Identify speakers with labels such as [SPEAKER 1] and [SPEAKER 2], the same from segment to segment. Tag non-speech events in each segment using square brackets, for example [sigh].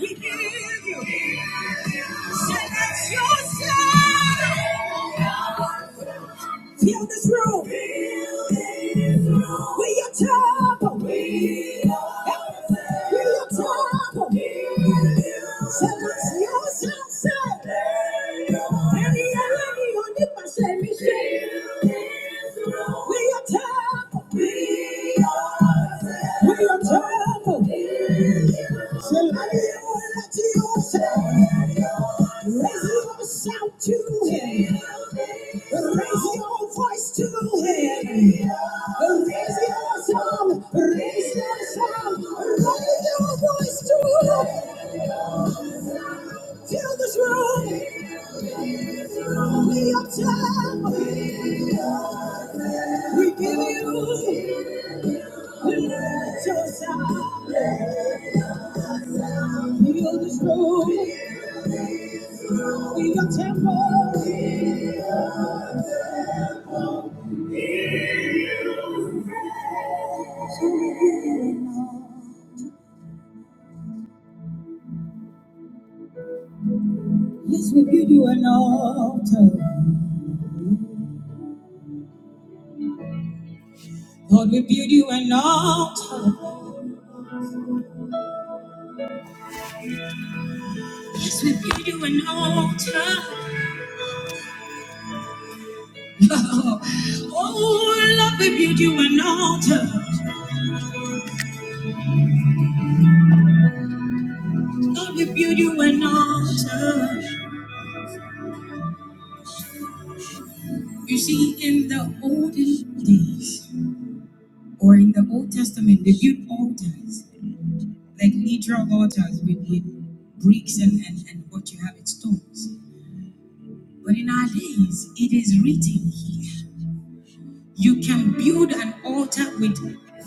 [SPEAKER 1] We give you. Send us yourself. Fill this room. We are temple. We are temple. Send us yourself. say. Any enemy we are temple. We are temple. Somebody will let you say, raise your shout to him. Raise your voice to him. Raise your song. Raise your song. Raise your voice to him. Fill this room. We are temple. We give you. Fill this room with your temple. Yes, we build you an altar. Lord, we build you an altar. Yes, we build you an altar. Oh, oh, Lord, we build you an altar. Lord, we build you an altar. You see, in the olden days, or in the Old Testament, they built altars. Like literal altars with with bricks and, and, and what you have in stones. But in our days, it is written here. You can build an altar with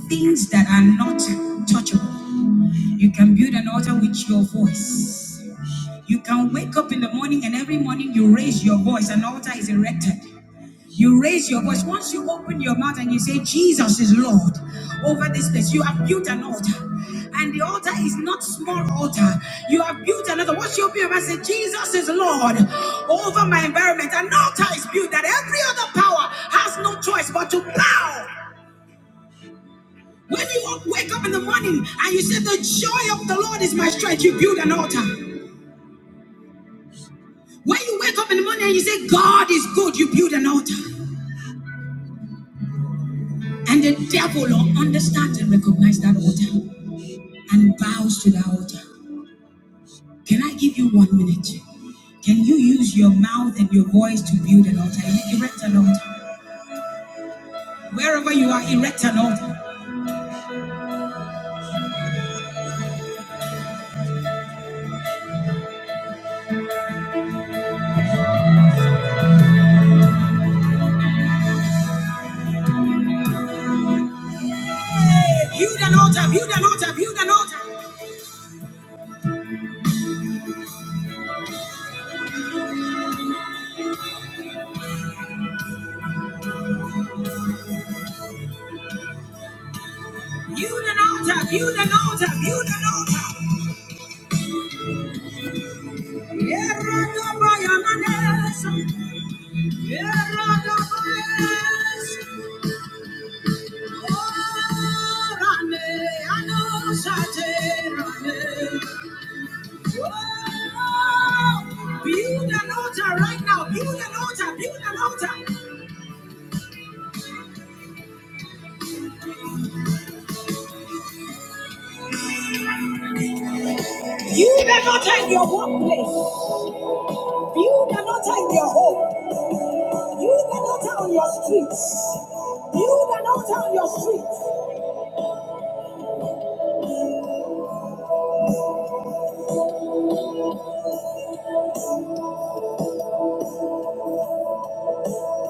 [SPEAKER 1] things that are not touchable. You can build an altar with your voice. You can wake up in the morning and every morning you raise your voice, an altar is erected. You raise your voice. Once you open your mouth and you say, Jesus is Lord over this place, you have built an altar. And the altar is not small altar. You have built another. Once you open your mouth and say, Jesus is Lord over my environment. An altar is built that every other power has no choice but to bow. When you wake up in the morning and you say, The joy of the Lord is my strength, you build an altar. When you wake up in the morning and you say, God is good, you build an altar. And the devil will understand and recognize that altar. and bows to the altar. Can I give you one minute? Can you use your mouth and your voice to build an altar? Erect an altar. Wherever you are, erect an altar. Hey, build an altar, build an altar, build an altar. Build an altar, build an altar, build an altar. Eradabayananesa, eradabayes, oraneanosate, Build an altar right now. Build an altar. Build an altar. Build an altar in your workplace. Build an altar in your home. Build an altar on your streets. Build an altar on your streets.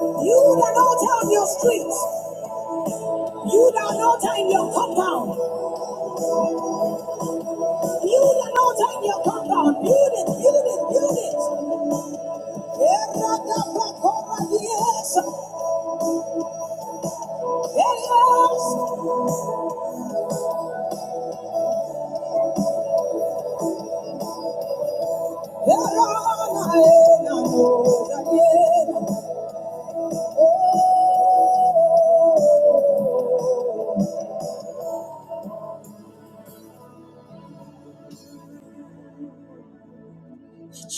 [SPEAKER 1] Build an altar on your streets. Build an altar in your compound. Build an altar in your compound. Build it. Build it. Build it. Yes. Yes. It's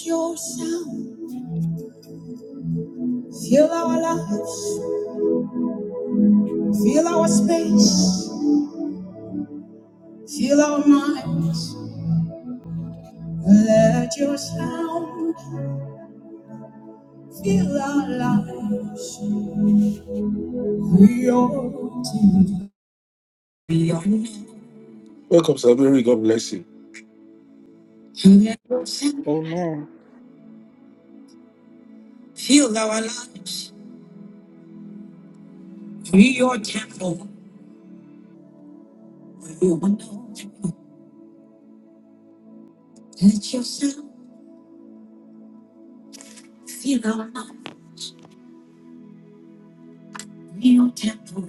[SPEAKER 1] your sound. Fill our lives, fill our space, fill our mind. Let your sound fill our life. We are to be on. Welcome, Sabiri. God bless you. Let your sound
[SPEAKER 2] Amen.
[SPEAKER 1] fill our lives. We are temple. We are no temple. Let your sound fill our life. We are temple.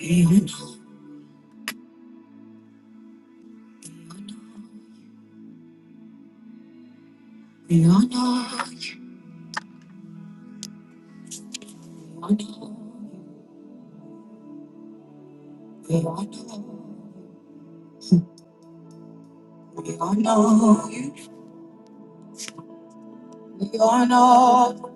[SPEAKER 1] We are no temple. We honor you, we honor you, we honor you, we honor you.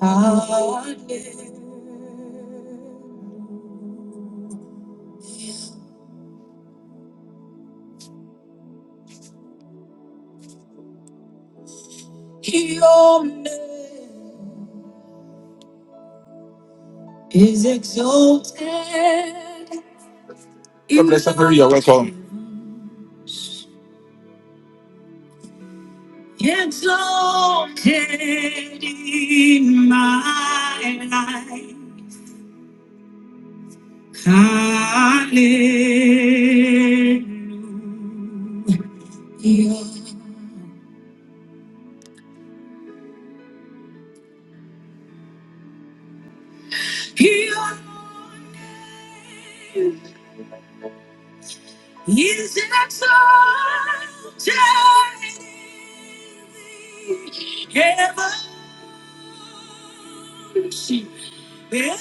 [SPEAKER 1] Our name, your name is exalted. God bless everybody, you're welcome. Exalted in my life. Hallelujah. Your name is exalted Heaven, she, and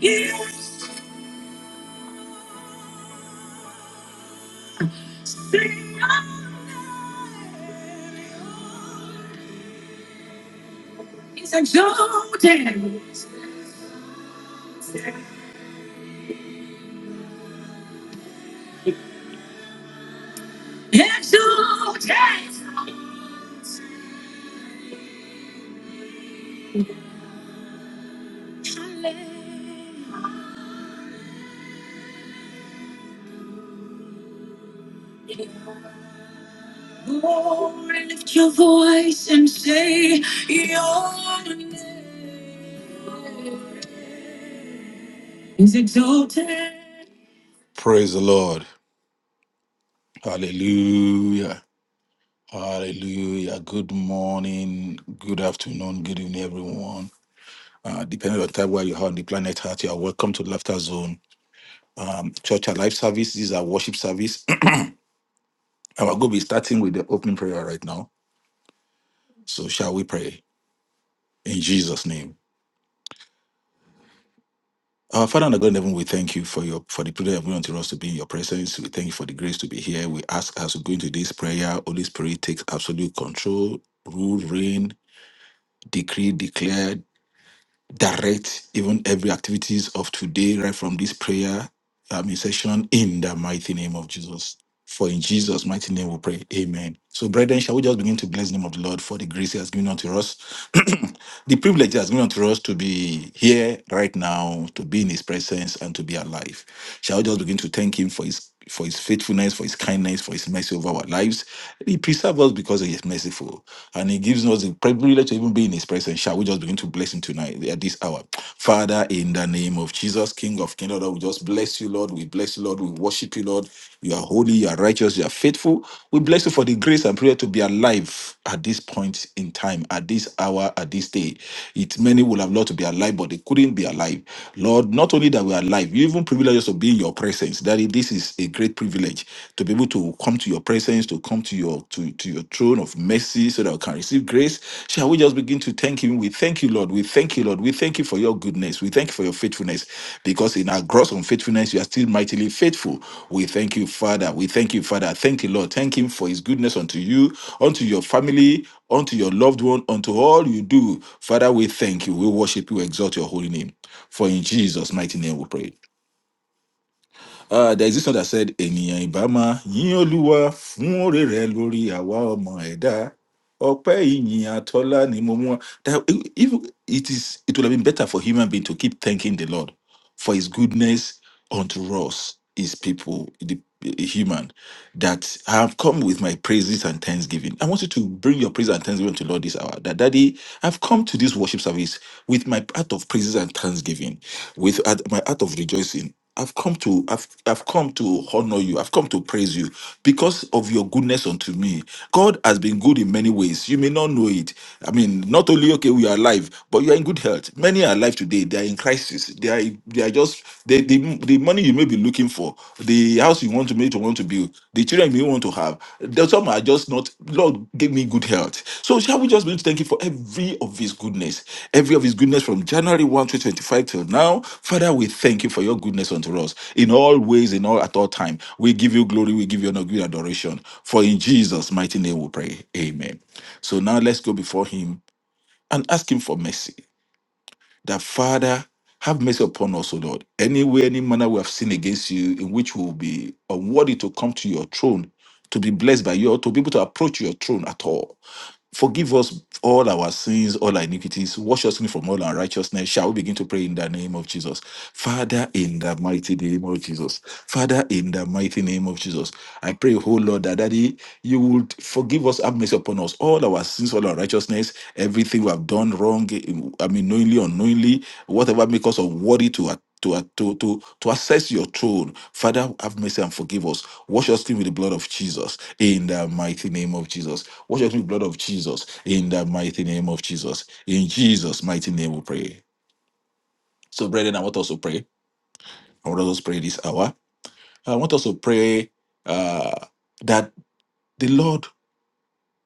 [SPEAKER 1] is is exalted, exalted. exalted." lift your "Your voice and say, your name is exalted. Praise the Lord. Hallelujah. Hallelujah. Good morning, good afternoon, good evening, everyone. Uh, depending on the time where you are on the planet Earth, you are welcome to Laughter Zone. Church and Life service. This is our worship service. [clears throat] And we're going to be starting with the opening prayer right now. So shall we pray in Jesus' name? Our Father and our God in heaven, we thank you for your for the prayer of unto us to be in your presence. We thank you for the grace to be here. We ask as we go into this prayer, Holy Spirit, take absolute control, rule, reign, decree, declare, direct even every activities of today right from this prayer um, session in the mighty name of jesus for in jesus mighty name we pray amen so brethren shall we just begin to bless the name of the lord for the grace he has given unto us [clears throat] the privilege he has given unto us to be here right now to be in his presence and to be alive shall we just begin to thank him for his for his faithfulness for his kindness for his mercy over our lives he preserves us because he is merciful and he gives us the privilege to even be in his presence. Shall we just begin to bless him tonight at this hour? Father, in the name of Jesus, King of Kingdom, Lord, we just bless you, Lord. We bless you, Lord. We worship you, Lord. You are holy, you are righteous, you are faithful. We bless you for the grace and prayer to be alive at this point in time, at this hour, at this day. It many would have loved to be alive, but they couldn't be alive. Lord, not only that we are alive, you even privilege us to be in your presence. Daddy, this is a great privilege privilege to be able to come to your presence, to come to your to, to your throne of mercy so that we can receive grace. Shall we just begin to thank him? We thank you, Lord. We thank you, Lord. We thank you for your goodness. We thank you for your faithfulness. Because in our gross unfaithfulness, you are still mightily faithful. We thank you, Father. We thank you, Father. Thank you, Lord. Thank him for his goodness unto you, unto your family, unto your loved one, unto all you do. Father, we thank you. We worship you, exalt your holy name. For in Jesus' mighty name we pray. Uh, there is this one that said, ènìyàn Ibama, máa yín olúwa fún òrè rẹ lórí àwa ọmọ ẹ̀dá. Ọpẹ́ ìyìn àtọ́lá ni mo mú wá." That if it is, it would have been better for human being to keep thanking the Lord for his goodness unto us, his people, the human, that I have come with my praises and thanksgiving. I want you to bring your praise and thanksgiving to the Lord this hour. That, Daddy, I've come to this worship service with my heart of praises and thanksgiving, with heart- my heart of rejoicing I've come to I've I've come to honor you. I've come to praise you because of your goodness unto me. God has been good in many ways. You may not know it. I mean, not only okay we are alive, but you are in good health. Many are alive today. They are in crisis. They are they are just the the, the money you may be looking for, the house you want to make to want to build, the children you may want to have have. There's some are just not. Lord give me good health. So shall we just be able to thank you for every of His goodness, every of His goodness from January 1 to 25 till now? Father, we thank you for your goodness unto us in all ways, in all at all time. We give you glory. We give you honor, we give you adoration. For in Jesus' mighty name we pray. Amen. So now let's go before Him and ask Him for mercy that Father, have mercy upon us, O Lord. Any way, any manner we have sinned against you, in which we will be unworthy to come to your throne, to be blessed by you, or to be able to approach your throne at all. Forgive us all our sins, all our iniquities, wash us clean from all unrighteousness. Shall we begin to pray in the name of Jesus? Father, in the mighty name of Jesus. Father, in the mighty name of Jesus. I pray, oh Lord, that Daddy, you would forgive us, have mercy upon us, all our sins, all our righteousness, everything we have done wrong, I mean, knowingly, unknowingly, whatever make us unworthy to to, uh, to, to, to access your throne. Father, have mercy and forgive us. Wash us clean with the blood of Jesus in the mighty name of Jesus. Wash us clean with the blood of Jesus in the mighty name of Jesus. In Jesus' mighty name we pray. So, brethren, I want us to pray. I want us to pray this hour. I want us to pray uh, that the Lord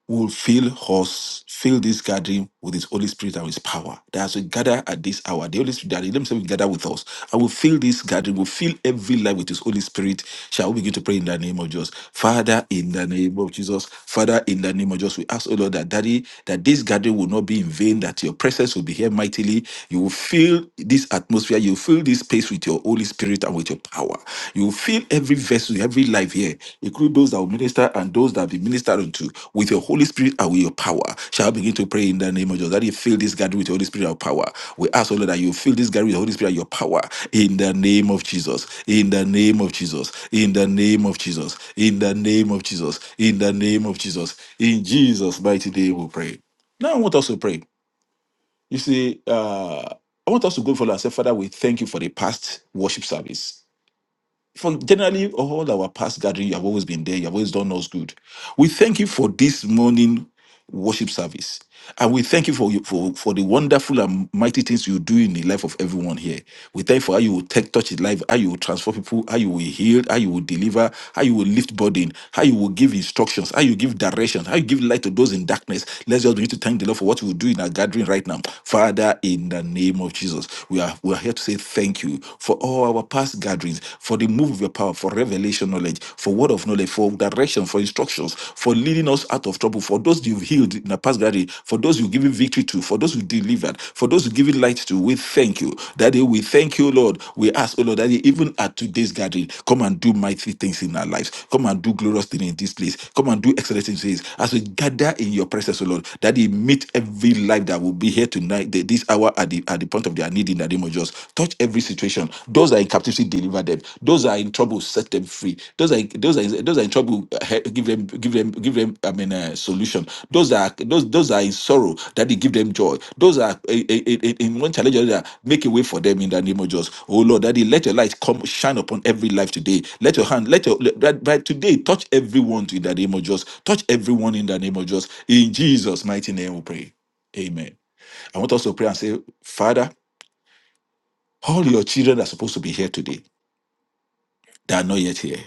[SPEAKER 1] will fill us, fill this gathering with his Holy Spirit and his power. That as we gather at this hour, the Holy Spirit, that let me say we gather with us. I will fill this gathering, will fill every life with his Holy Spirit. Shall we begin to pray in the name of Jesus? Father, in the name of Jesus, Father, in the name of Jesus, we ask, O Lord, that Daddy, that this gathering will not be in vain, that your presence will be here mightily. You will fill this atmosphere, you will fill this space with your Holy Spirit spirit and with your power. You will fill every vessel, every life here, including those that will minister and those that will be ministered unto, with your Holy Spirit and with your power. Shall I begin to pray in the name of Jesus? That you fill this gathering with your Holy Spirit and power. We ask, O Lord, that you fill this gathering with the Holy Spirit and your power. In the name of Jesus. In the name of Jesus. In the name of Jesus. In the name of Jesus. In the name of Jesus. In Jesus' mighty name we pray. Now I want us to pray. You see, uh, I want us to go forward and say, Father, we thank you for the past worship service from generally all our past gathering, you have always been there. You have always done us good. We thank you for this morning worship service. And we thank you for, you for for the wonderful and mighty things you do in the life of everyone here. We thank you for how you will take, touch his life, how you will transform people, how you will heal, how you will deliver, how you will lift burden, how you will give instructions, how you give direction, how you give light to those in darkness. Let's just begin to thank the Lord for what you will do in our gathering right now. Father, in the name of Jesus, we are we are here to say thank you for all our past gatherings, for the move of your power, for revelation knowledge, for word of knowledge, for direction, for instructions, for leading us out of trouble, for those you've healed in the past gathering, for those you've given victory to, for those you delivered, for those you given light to. We thank you. Daddy, we thank you, Lord. We ask, oh Lord, Daddy, even at today's gathering, come and do mighty things in our lives. Come and do glorious things in this place. Come and do excellent things as we gather in your presence, oh Lord. Daddy, meet every life that will be here tonight, th- this hour at the, at the point of their need in the name of Jesus. Touch every situation. Those that are in captivity, deliver them. Those that are in trouble, set them free. Those are those are those are in trouble, uh, he- give them give them give them. I mean, uh, solution. Those that are those those that are in sorrow, that they give them joy. Those that are eh, eh, eh, eh, in one challenge or another, make a way for them in the name of Jesus. Oh Lord, Daddy, let your light come shine upon every life today. Let your hand, let your let, that by today touch everyone in the name of Jesus. Touch everyone in the name of Jesus. In Jesus' mighty name, we pray. Amen. I want us to pray and say, Father. All your children are supposed to be here today. They are not yet here.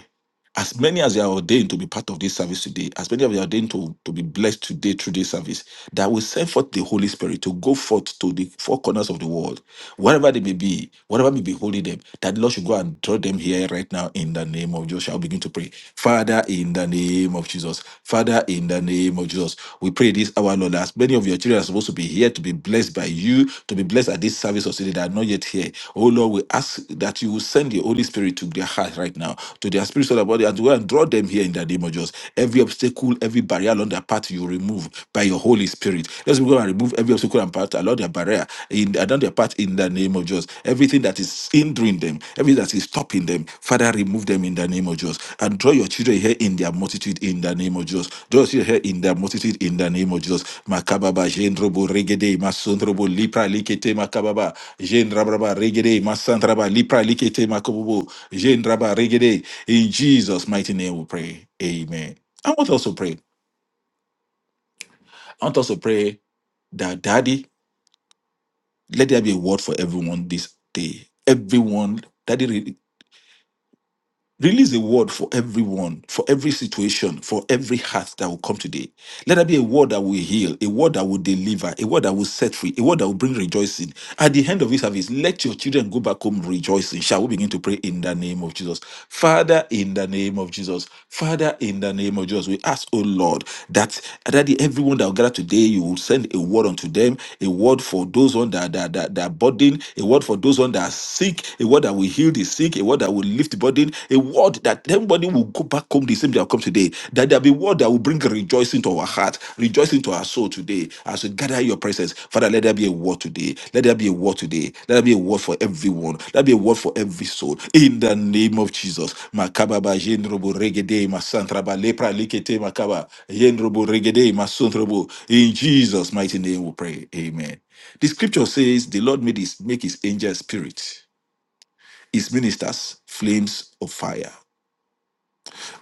[SPEAKER 1] As many as you are ordained to be part of this service today, as many of you are ordained to, to be blessed today through this service, that will send forth the Holy Spirit to go forth to the four corners of the world, wherever they may be, whatever may be holding them, that the Lord should go and draw them here right now in the name of Jesus. I'll begin to pray. Father, in the name of Jesus. Father, in the name of Jesus. We pray this hour, Lord, as many. Many of your children are supposed to be here to be blessed by you, to be blessed at this service of city that are not yet here. Oh Lord, we ask that you will send the Holy Spirit to their heart right now, to their spirit, soul, and body, and to go and draw them here in the name of Jesus. Every obstacle, every barrier along their path, you remove by your Holy Spirit. Let's go and remove every obstacle and path along their barrier in along their path in the name of Jesus. Everything that is hindering them, everything that is stopping them, Father, remove them in the name of Jesus. And draw your children here in their multitude in the name of Jesus. Draw your children here in their multitude in the name of Jesus. Makababa, Jendrobo, Regede, Masondrobo, Lipra, Likete, Makababa, Jendrabraba, Regede, Masandraba, Lipra, Likete, Makobobo, Jendraba, Regede. In Jesus' mighty name we pray. Amen. I want to also pray. I want to also pray that, Daddy, let there be a word for everyone this day. Everyone, Daddy, Release a word for everyone, for every situation, for every heart that will come today. Let there be a word that will heal, a word that will deliver, a word that will set free, a word that will bring rejoicing. At the end of this service, let your children go back home rejoicing. Shall we begin to pray in the name of Jesus? Father, in the name of Jesus, Father, in the name of Jesus, we ask, oh Lord, that that everyone that will gather today, you will send a word unto them, a word for those on that that, that, that are burdened, a word for those on that are sick, a word that will heal the sick, a word that will lift the burden, a word that them Somebody will go back home the same day I come today. That there'll be word that will bring rejoicing to our heart, rejoicing to our soul today as we gather in your presence. Father, let there be a word today. Let there be a word today. Let there be a word for everyone. Let there be a word for every soul. In the name of Jesus. Makababa jendrobo regede masantraba lepra likete makaba jendrobo regede masantrobo. In Jesus' mighty name we pray. Amen. The scripture says the Lord made his, make his angel spirit, his ministers flames of fire.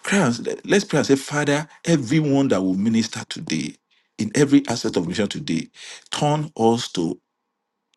[SPEAKER 1] Pray and, let's pray and say, Father, everyone that will minister today, in every aspect of mission today, turn us to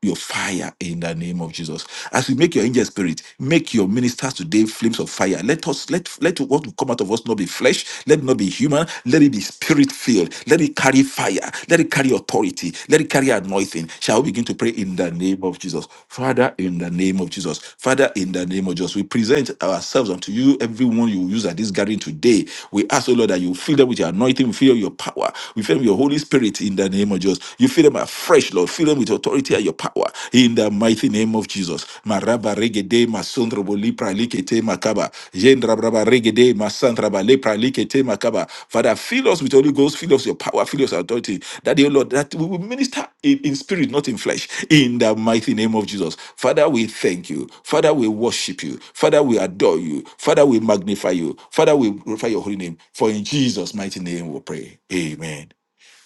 [SPEAKER 1] your fire in the name of Jesus. As we make your angel spirit, make your ministers today flames of fire. Let us let let what will come out of us not be flesh, let it not be human, let it be spirit filled. Let it carry fire, let it carry authority, let it carry anointing. Shall we begin to pray in the name of Jesus? Father, in the name of Jesus, Father, in the name of Jesus, we present ourselves unto you, everyone you use at this gathering today. We ask, O Lord, that you fill them with your anointing, fill your power, we fill them with your Holy Spirit in the name of Jesus fill them afresh, Lord. Fill them with authority and your power. In the mighty name of Jesus. Maraba regede masondrobo lipra likete makaba. Jendrabraba regede masandraba lepra likete makaba. Father, fill us with Holy Ghost. Fill us with your power. Fill us with authority. That, dear Lord, that we will minister in, in spirit, not in flesh. In the mighty name of Jesus. Father, we thank you. Father, we worship you. Father, we adore you. Father, we magnify you. Father, we glorify your holy name. For in Jesus' mighty name we pray. Amen.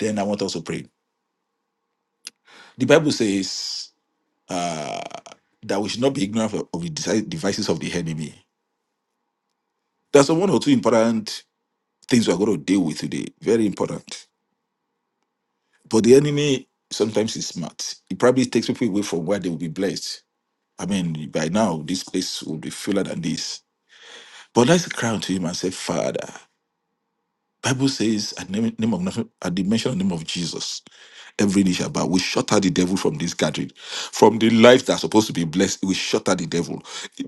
[SPEAKER 1] Then I want us to pray. The Bible says uh, that we should not be ignorant of, of the deci- devices of the enemy. There's one or two important things we're going to deal with today. Very important. But the enemy sometimes is smart. It probably takes people away from where they will be blessed. I mean, by now, this place will be fuller than this. But let's cry unto him and say, Father. Bible says at name, name of nothing- at the mention of the name of Jesus, every knee shall bow. We shatter the devil from this gathering, from the lives that are supposed to be blessed. We shatter the devil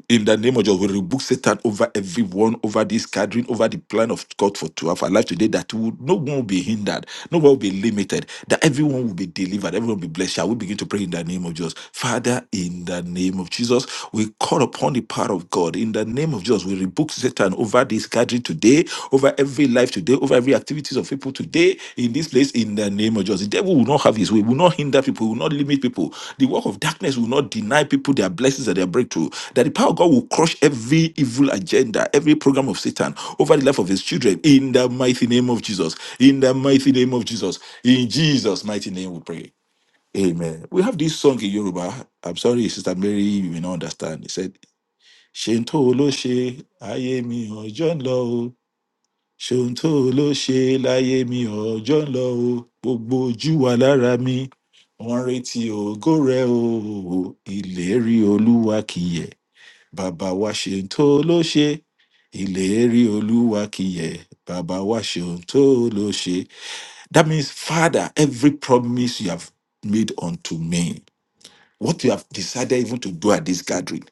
[SPEAKER 1] in the name of Jesus. We rebuke Satan over everyone, over this gathering, over the plan of God for to have our life today. That will, no one will be hindered, no one will be limited. That everyone will be delivered, everyone will be blessed. Shall we begin to pray in the name of Jesus, Father? In the name of Jesus, we call upon the power of God. In the name of Jesus, we rebuke Satan over this gathering today, over every life today, over every activities of people today in this place. In the name of Jesus, the devil will not have his way. Will not hinder people. Will not limit people. The work of darkness will not deny people their blessings and their breakthrough. That the power of God will crush every evil agenda, every program of Satan over the life of his children. In the mighty name of Jesus. In the mighty name of Jesus. In Jesus' mighty name, we pray. Amen. We have this song in Yoruba. I'm sorry, Sister Mary, you may not understand. He said ṣeun tó o ló ṣe ayé mi ọjọ́ ń lọ o ṣeun tó o ló ṣe láyé mi ọjọ́ ń lọ o gbogbo ojú wa lára mi wọ́n ń retí ògo rẹ o ìlérí olúwa kìyẹ bàbá wa ṣeun tó o ló ṣe ìlérí olúwa kìyẹ bàbá wa ṣeun tó o ló ṣe. that means father every promise you have made unto me what you have decided even to do at this gathering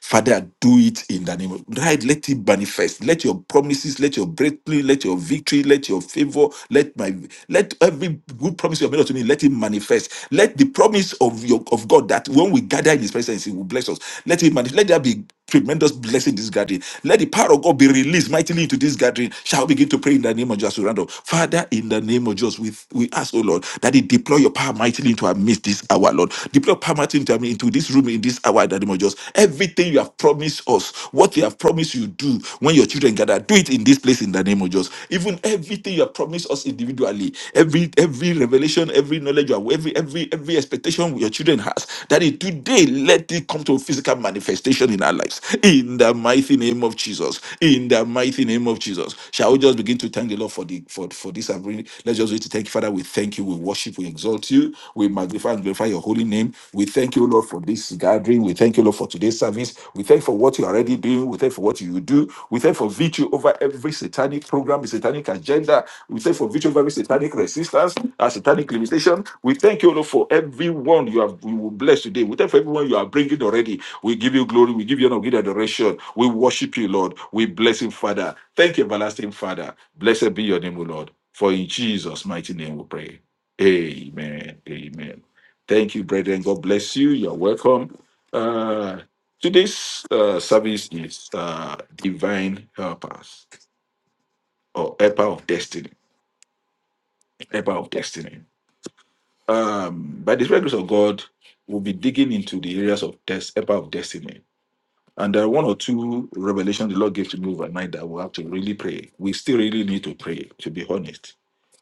[SPEAKER 1] Father, do it in the name of right. Let it manifest. Let your promises, let your breakthrough, let your victory, let your favor, let my let every good promise you have made unto me, let it manifest. Let the promise of your of God that when we gather in his presence, he will bless us. Let it manifest. Let there be tremendous blessing in this gathering. Let the power of God be released mightily into this gathering. Shall we begin to pray in the name of Jesus? We round up. Father, in the name of Jesus, we, we ask, oh Lord, that He deploy your power mightily into our midst this hour, Lord. Deploy your power mightily into our midst to this room in this hour in the name of Jesus. Everything you have promised us, what you have promised you do when your children gather, do it in this place in the name of Jesus. Even everything you have promised us individually, every every revelation, every knowledge, you have- every every every expectation your children has, that it today let it come to physical manifestation in our lives. In the mighty name of Jesus. In the mighty name of Jesus. Shall we just begin to thank the Lord for the for, for this? and bring- Let's just wait to thank you, Father. We thank you. We worship. We exalt you. We magnify magnify and glorify your holy name. We thank you, Lord, for this gathering. We thank you, Lord, for today's service. We thank you for what you're already doing. We thank you for what you will do. We thank you for victory over every satanic program, satanic agenda. We thank you for victory over every satanic resistance, and satanic limitation. We thank you, Lord, for everyone you have we will bless today. We thank you for everyone you are bringing already. We give you glory. We give you honor. We give you adoration. We worship you, Lord. We bless you, Father. Thank you, everlasting Father. Blessed be your name, O Lord. For in Jesus' mighty name we pray. Amen. Amen. Thank you, brethren. God bless you. You're welcome. Uh, today's uh, service is uh, Divine Helpers or Helper of Destiny. Helper of Destiny. Um, by the grace of God, we'll be digging into the areas of test, Helper of Destiny. And there are one or two revelations the Lord gave to me overnight that we'll have to really pray. We still really need to pray, to be honest.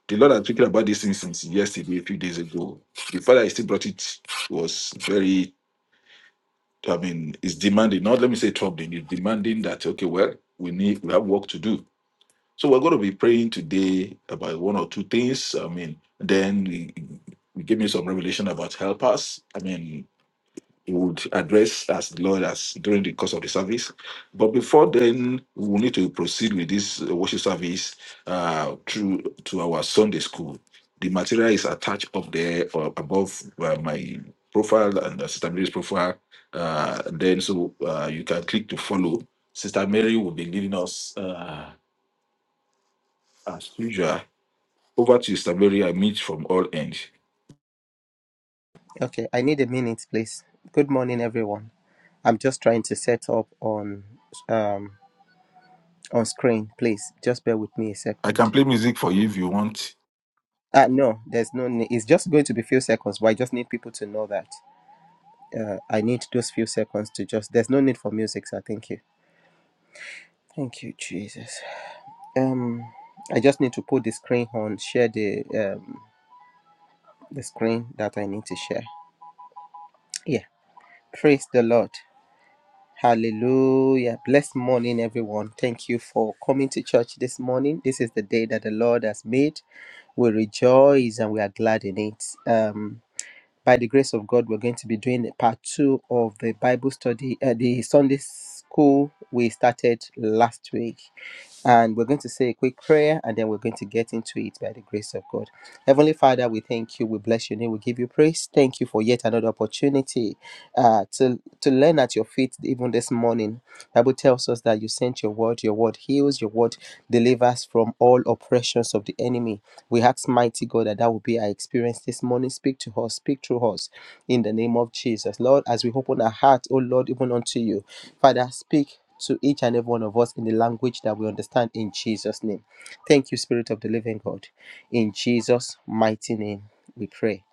[SPEAKER 1] The Lord had spoken about this thing since yesterday, a few days ago. The Father still brought it was very I mean, it's demanding, not let me say troubling, it's demanding that, okay, well, we need, we have work to do. So we're going to be praying today about one or two things. I mean, then we, we give me some revelation about helpers. I mean, we would address as the Lord as during the course of the service. But before then, we will need to proceed with this uh, worship service uh, through to our Sunday school. The material is attached up there or above uh, my profile and uh, Sister Mary's profile. Uh, then, so uh, you can click to follow. Sister Mary will be leading us uh, as usual. Over to Sister Mary. I meet from all ends.
[SPEAKER 2] Okay, I need a minute, please. Good morning, everyone. I'm just trying to set up on um on screen, please. Just bear with me a
[SPEAKER 1] I
[SPEAKER 2] second.
[SPEAKER 1] can play music for you if you want.
[SPEAKER 2] Uh no, there's no need. It's just going to be few seconds, but I just need people to know that uh, I need those few seconds to just. There's no need for music, sir. Thank you. Thank you, Jesus. Um, I just need to put the screen on, share the um the screen that I need to share. Yeah, praise the Lord. Hallelujah. Blessed morning, everyone. Thank you for coming to church this morning. This is the day that the Lord has made. We rejoice and we are glad in it. Um, by the grace of God, we're going to be doing part two of the Bible study, uh, the Sunday school we started last week. And we're going to say a quick prayer and then we're going to get into it by the grace of God. Heavenly Father, we thank you. We bless your name. We give you praise. Thank you for yet another opportunity uh, to, to learn at your feet even this morning. Bible tells us that you sent your word. Your word heals. Your word delivers from all oppressions of the enemy. We ask mighty God that that will be our experience this morning. Speak to us. Speak through us in the name of Jesus. Lord, as we open our heart, oh Lord, even unto you. Father, speak to each and every one of us in the language that we understand in Jesus' name. Thank you, Spirit of the Living God. In Jesus' mighty name, we pray.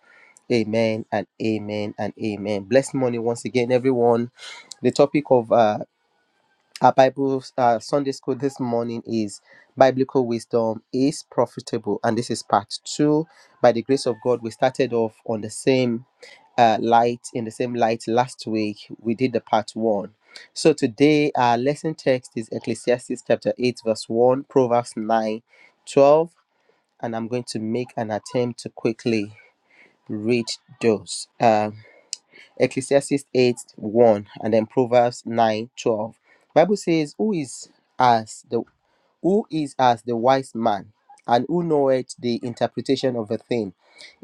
[SPEAKER 2] Amen and amen and amen. Blessed morning once again, everyone. The topic of uh, our Bible uh, Sunday school this morning is Biblical Wisdom is Profitable. And this is part two. By the grace of God, we started off on the same uh, light in the same light last week we did the part one so today our lesson text is ecclesiastes chapter 8 verse 1 proverbs 9, 12, and i'm going to make an attempt to quickly read those um, ecclesiastes 8 1 and then proverbs 9 12. bible says who is as the who is as the wise man, and who knoweth the interpretation of a thing.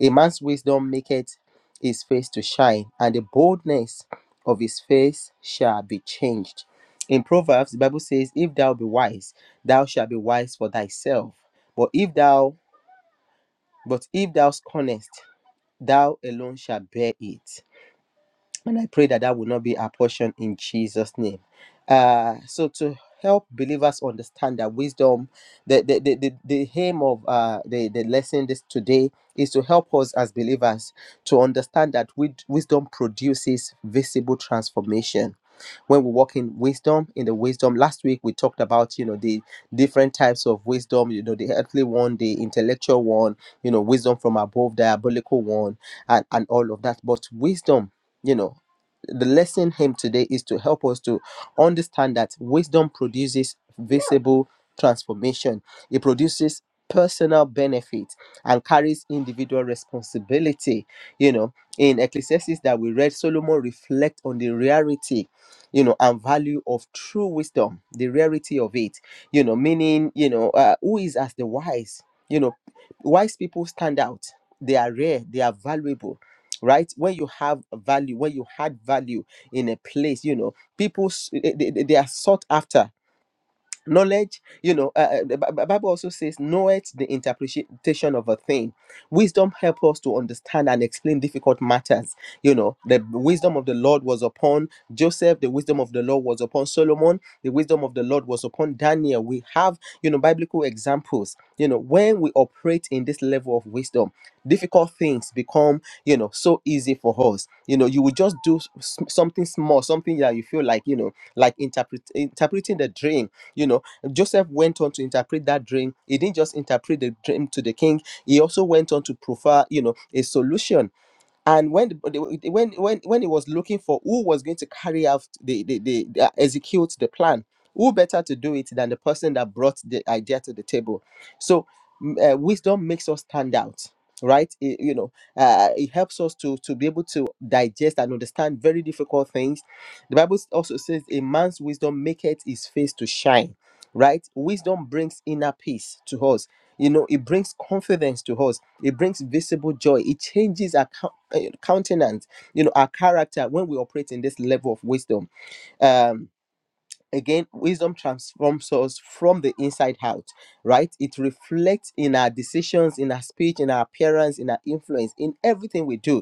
[SPEAKER 2] A man's wisdom maketh his face to shine, and the boldness of his face shall be changed. In Proverbs, the Bible says, If thou be wise, thou shalt be wise for thyself. But if thou but if thou scornest, thou alone shalt bear it. And I pray that that will not be our portion in Jesus' name. Uh, so to help believers understand that wisdom, the the the, the, the aim of uh, the the lesson this today is to help us as believers to understand that wid- wisdom produces visible transformation. When we walk in wisdom, in the wisdom, last week we talked about you know the different types of wisdom, you know the earthly one, the intellectual one, you know wisdom from above, diabolical one, and and all of that. But wisdom. You know, the lesson hymn today is to help us to understand that wisdom produces visible transformation it produces personal benefit and carries individual responsibility you know in ecclesiastes that we read solomon reflect on the rarity you know and value of true wisdom the rarity of it you know meaning you know uh, who is as the wise you know wise people stand out they are rare they are valuable right when you have value when you had value in a place you know people s- they, they they are sought after knowledge you know uh, uh, the Bi- Bi- bible also says know it the interpretation of a thing wisdom help us to understand and explain difficult matters you know the wisdom of the lord was upon joseph the wisdom of the lord was upon solomon the wisdom of the lord was upon daniel we have you know biblical examples you know when we operate in this level of wisdom difficult things become you know so easy for us you know you will just do s- something small something that you feel like you know like interpret interpreting the dream you know, Joseph went on to interpret that dream. He didn't just interpret the dream to the king, he also went on to provide, you know, a solution and when the- when when when he was looking for who was going to carry out the the, the, the uh, execute the plan who better to do it than the person that brought the idea to the table so mm, uh, wisdom makes us stand out right It- you know uh, it helps us to to be able to digest and understand very difficult things the bible also says a man's wisdom maketh his face to shine right wisdom brings inner peace to us you know it brings confidence to us it brings visible joy it changes our eh, countenance you know our character when we operate in this level of wisdom um again wisdom transforms us from the inside out right it reflects in our decisions in our speech in our appearance in our influence in everything we do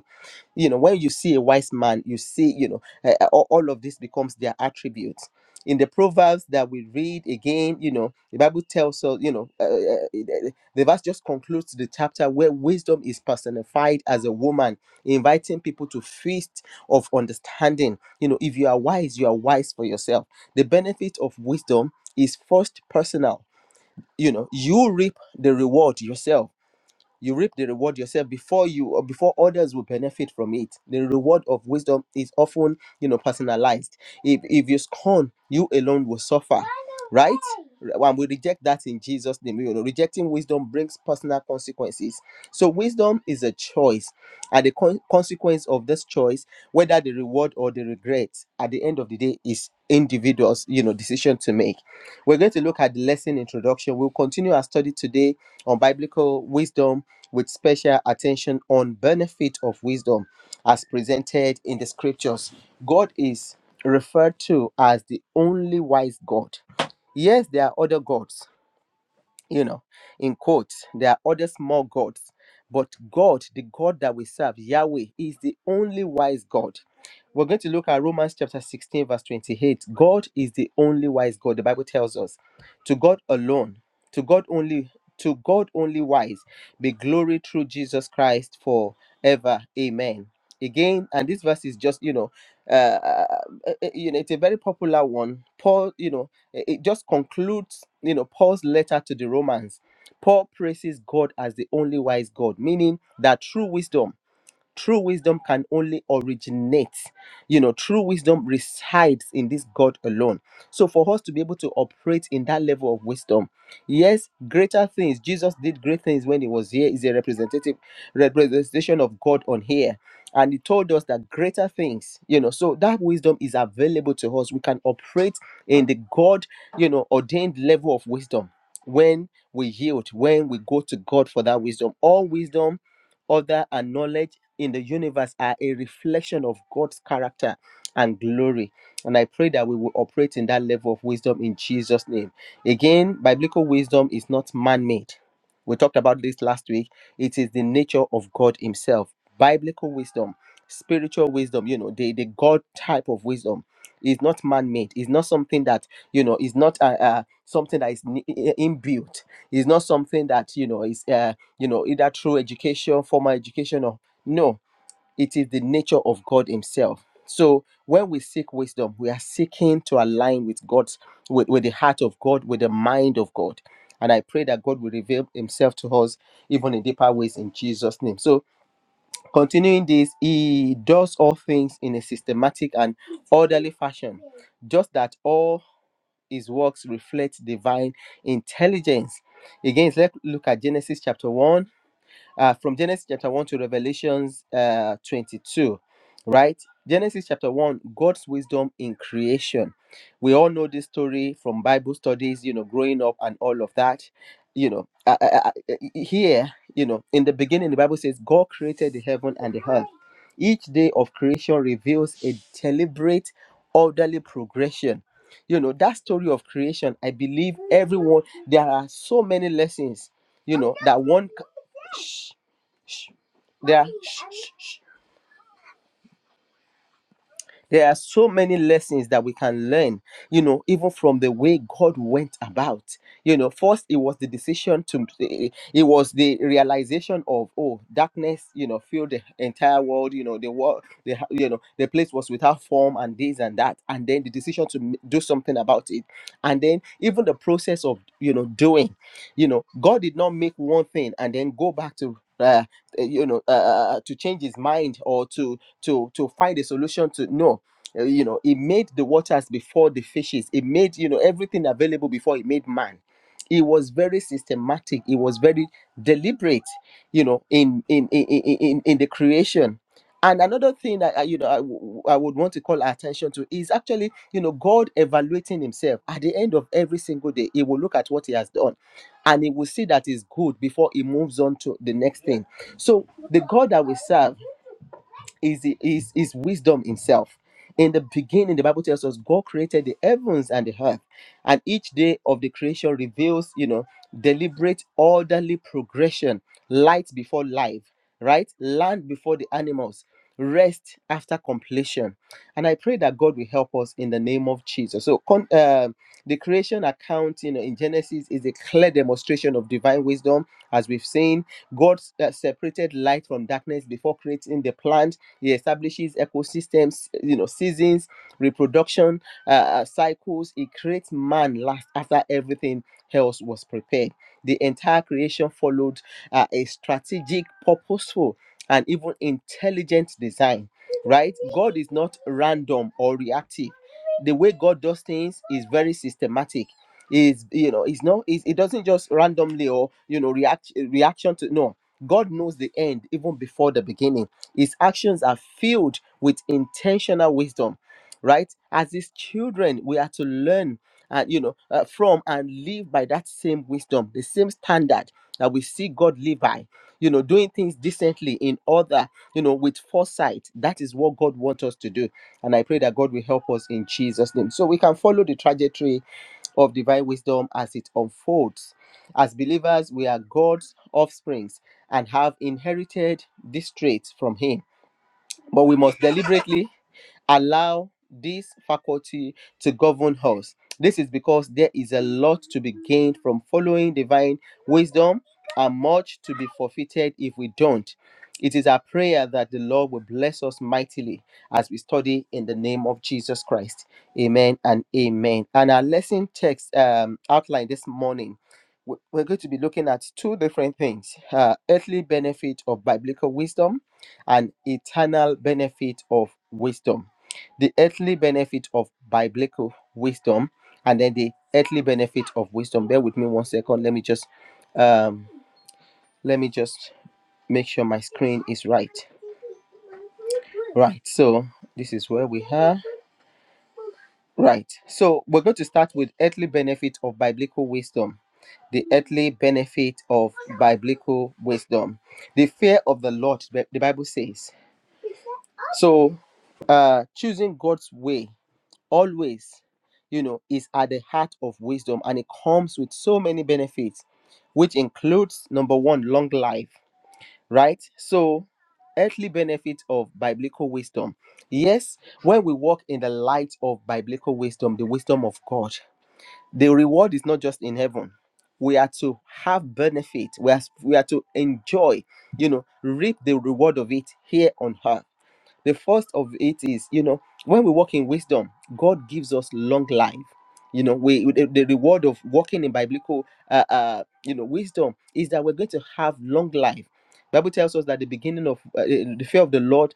[SPEAKER 2] you know when you see a wise man you see you know uh, uh, all all of this becomes their attributes in the proverbs that we read again you know the bible tells us you know uh, uh, it- the verse just concludes the chapter where wisdom is personified as a woman inviting people to feast of understanding you know if you are wise you are wise for yourself the benefit of wisdom is first personal you know you reap the reward yourself you reap the reward yourself before you or before others will benefit from it the reward of wisdom is often you know personalized if if you scorn you alone will suffer right and we reject that in jesus name you know rejecting wisdom brings personal consequences so wisdom is a choice and the con- consequence of this choice whether the reward or the regret at the end of the day is individuals you know decision to make we're going to look at the lesson introduction we'll continue our study today on biblical wisdom with special attention on benefit of wisdom as presented in the scriptures. God is referred to as the only wise God. Yes, there are other gods, you know, in quotes, there are other small gods, but God, the God that we serve, Yahweh, is the only wise God. We're going to look at Romans chapter 16, verse 28. God is the only wise God. The Bible tells us, to God alone, to God only, to God only wise, be glory through Jesus Christ forever. Amen. Again, and this verse is just, you know, uh, uh, uh, you know, it's a very popular one. Paul, you know, it it just concludes you know paul's letter to the romans paul praises god as the only wise god meaning that through wisdom true wisdom can only originate you know true wisdom resides in this god alone so for us to be able to operate in that level of wisdom yes greater things jesus did great things when he was here is a representative representation of god on here and he told us that greater things you know so that wisdom is available to us we can operate in the god you know ordained level of wisdom when we yield when we go to god for that wisdom all wisdom other and knowledge in the universe are a reflection of God's character and glory. And I pray that we will operate in that level of wisdom in Jesus' name. Again, biblical wisdom is not man made. We talked about this last week. It is the nature of God Himself. Biblical wisdom, spiritual wisdom, you know, the, the God type of wisdom is not man made. It's not something that, you know, is not uh, uh, something that is ni- i- inbuilt. It's not something that, you know, is, uh, you know, either through education, formal education or no, it is the nature of God Himself. So when we seek wisdom, we are seeking to align with God's with, with the heart of God, with the mind of God. And I pray that God will reveal Himself to us even in deeper ways in Jesus' name. So continuing this, He does all things in a systematic and orderly fashion, just that all His works reflect divine intelligence. Again, let's look at Genesis chapter 1 uh, from Genesis chapter 1 to Revelations uh, 22, right? Genesis chapter 1, God's wisdom in creation. We all know this story from Bible studies, you know, growing up and all of that. You know, I, I, I, here, you know, in the beginning, the Bible says God created the heaven and the earth. Each day of creation reveals a deliberate, orderly progression. You know, that story of creation, I believe everyone, there are so many lessons, you know, that one. Yeah. there are so many lessons that we can learn you know even from the way god went about you know first it was the decision to eh, it was the realization of oh darkness you know filled the entire world you know the world the you know the place was without form and this and that and then the decision to m- do something about it and then even the process of you know doing you know god did not make one thing and then go back to uh, eh, you know uh, uh, to change his mind or to to to find a solution to no uh, you know he made the waters before the fishes he made you know everything available before he made man he was very systematic he was very deliberate you know in in in in, in in the creation and another thing that I, you know I, w- I would want to call our attention to is actually you know god evaluating himself at the end of every single day he will look at what he has done and he will see that is good before he moves on to the next thing so the god that we serve is, the- is, is wisdom himself. In the beginning, the Bible tells us God created the heavens and the earth, and each day of the creation reveals, you know, deliberate orderly progression, light before life, right? Land before the animals, rest after completion. And I pray that God will help us in the name of Jesus. So, con- um the creation account, you know, in Genesis is a clear demonstration of divine wisdom, as we've seen. God uh, separated light from darkness before creating the plant he establishes ecosystems, you know, seasons, reproduction uh, uh, cycles. He creates man last after everything else was prepared. The entire creation followed uh, a strategic, purposeful, and even intelligent design. Right? God is not random or reactive. The way God does things is very systematic is you know it's not it's, it doesn't just randomly or you know react reaction to no god knows the end even before the beginning his actions are filled with intentional wisdom, right? As his children, we are to learn and you know uh, from and live by that same wisdom, the same standard that we see God live by. You know, doing things decently in order, you know, with foresight. That is what God wants us to do, and I pray that God will help us in Jesus' name, so we can follow the trajectory of divine wisdom as it unfolds as believers, we are God's offsprings and have inherited this trait from Him. But we must deliberately allow this faculty to govern us. This is because there is a lot to be gained from following divine wisdom and much to be forfeited if we don't. It is our prayer that the Lord will bless us mightily as we study in the name of Jesus Christ. Amen and amen. And our lesson text um, outline this morning, we- we're going to be looking at two different things uh, earthly benefit of biblical wisdom and eternal benefit of wisdom the earthly benefit of biblical wisdom and then the earthly benefit of wisdom bear with me one second let me just um let me just make sure my screen is right right so this is where we are right so we're going to start with earthly benefit of biblical wisdom the earthly benefit of biblical wisdom the fear of the lord the bible says so uh choosing god's way always you know is at the heart of wisdom and it comes with so many benefits which includes number one long life right so earthly benefits of biblical wisdom yes when we walk in the light of biblical wisdom the wisdom of god the reward is not just in heaven we are to have benefit we are, we are to enjoy you know reap the reward of it here on earth the first of it is, you know, when we walk in wisdom, God gives us long life. You know, we the, the reward of walking in biblical, uh, uh, you know, wisdom is that we're going to have long life. Bible tells us that the beginning of uh, the fear of the Lord,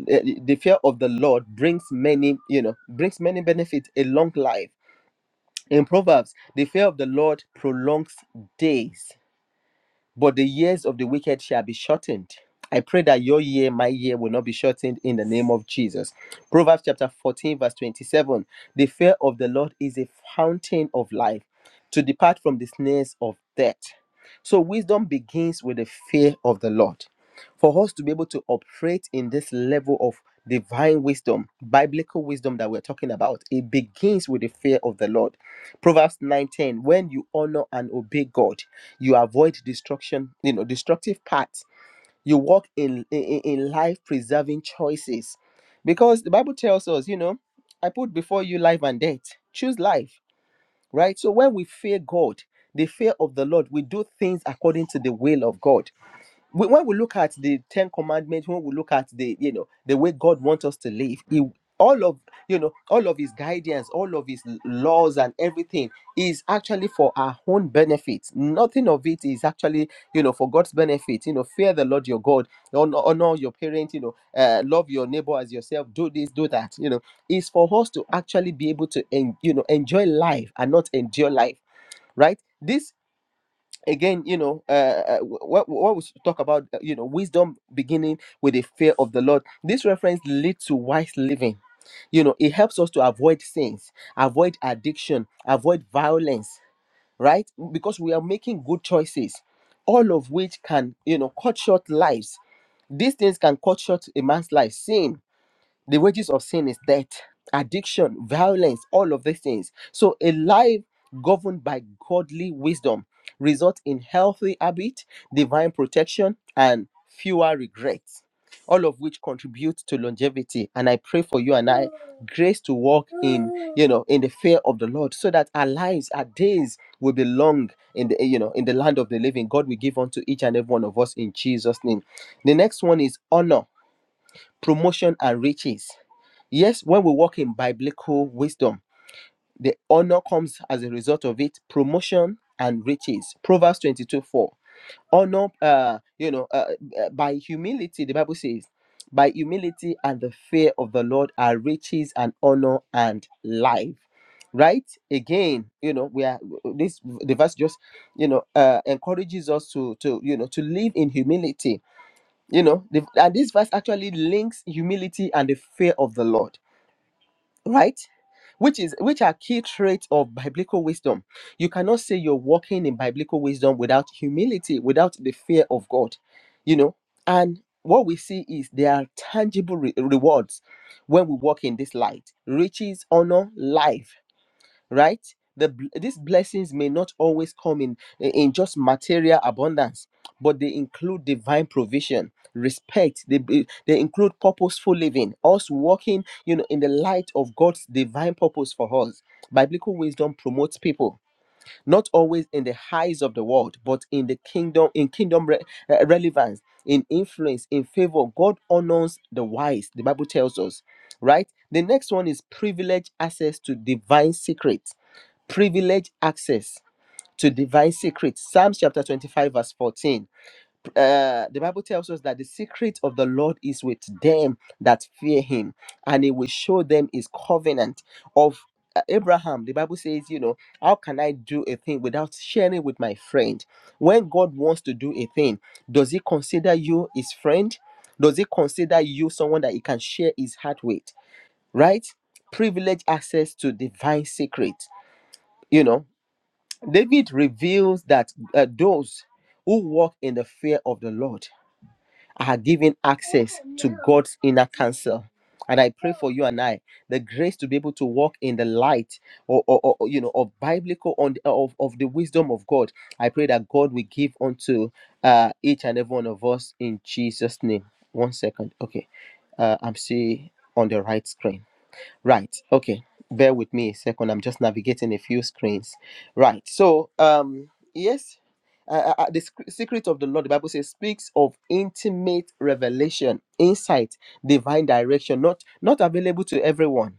[SPEAKER 2] uh, the fear of the Lord brings many, you know, brings many benefits, a long life. In Proverbs, the fear of the Lord prolongs days but the years of the wicked shall be shortened. I pray that your year, my year, will not be shortened in the name of Jesus. Proverbs chapter 14, verse 27. The fear of the Lord is a fountain of life to depart from the snares of death. So, wisdom begins with the fear of the Lord. For us to be able to operate in this level of divine wisdom, biblical wisdom that we're talking about, it begins with the fear of the Lord. Proverbs nineteen: When you honor and obey God, you avoid destruction, you know, destructive paths. You walk in in, in life preserving choices. Because the Bible tells us, you know, I put before you life and death. Choose life, right? So when we fear God, the fear of the Lord, we do things according to the will of God we- when we look at the ten commandments when we look at the you know the way god wants us to live he, all of you know all of his guidance all of his laws and everything is actually for our own benefit nothing of it is actually you know for god's benefit you know fear the lord your god honor, honor your parents you know uh, love your neighbor as yourself do this do that you know it's for us to actually be able to en- you know enjoy life and not endure life right this again you know uh, uh what what we talk about uh, you know wisdom beginning with the fear of the lord this reference leads to wise living you know it helps us to avoid sins avoid addiction avoid violence right because we are making good choices all of which can you know cut short lives these things can cut short a man's life sin the wages of sin is death, addiction, violence, all of these things. So a life governed by godly wisdom results in healthy habit, divine protection, and fewer regrets. All of which contribute to longevity. And I pray for you and I grace to walk in, you know, in the fear of the Lord, so that our lives, our days will be long in the you know in the land of the living. God will give unto each and every one of us in Jesus' name. The next one is honor, promotion, and riches Yes, when we walk in biblical wisdom, the honor comes as a result of it, promotion and riches. Proverbs 22 4. Honor, uh, you know, uh, uh, by humility, the Bible says, by humility and the fear of the Lord are riches and honor and life. Right again, you know, we are this the verse just you know uh encourages us to to you know to live in humility, you know, the, and this verse actually links humility and the fear of the Lord right which is which are key traits of biblical wisdom. You cannot say you're walking in biblical wisdom without humility, without the fear of God, you know. And what we see is there are tangible re- rewards when we walk in this light riches, honor, life right the bl- these blessings may not always come in in just material abundance but they include divine provision respect they be- they include purposeful living us walking you know in the light of god's divine purpose for us biblical wisdom promotes people not always in the highs of the world but in the kingdom in kingdom re- uh, relevance in influence in favor god honors the wise the bible tells us right the next one is privileged access to divine secrets privilege access to divine secrets. Psalms chapter 25, verse 14. Uh, the Bible tells us that the secret of the Lord is with them that fear him, and he will show them his covenant of uh, Abraham. The Bible says, you know, how can I do a thing without sharing with my friend? When God wants to do a thing, does he consider you his friend? Does he consider you someone that he can share his heart with? Right? Privilege access to divine secrets you know David reveals that uh, those who walk in the fear of the Lord are given access to God's inner counsel. And I pray for you and I the grace to be able to walk in the light or, or, or, you know of biblical on of, of the wisdom of God. I pray that God will give unto uh, each and every one of us in Jesus' name. One second. Okay. Uh, I'm still on the right screen. Right. Okay. Bear with me a second. I'm just navigating a few screens. Right. So, um, yes, uh, uh, uh, the sc- secret of the Lord, the Bible says, speaks of intimate revelation, insight, divine direction, not not available to everyone.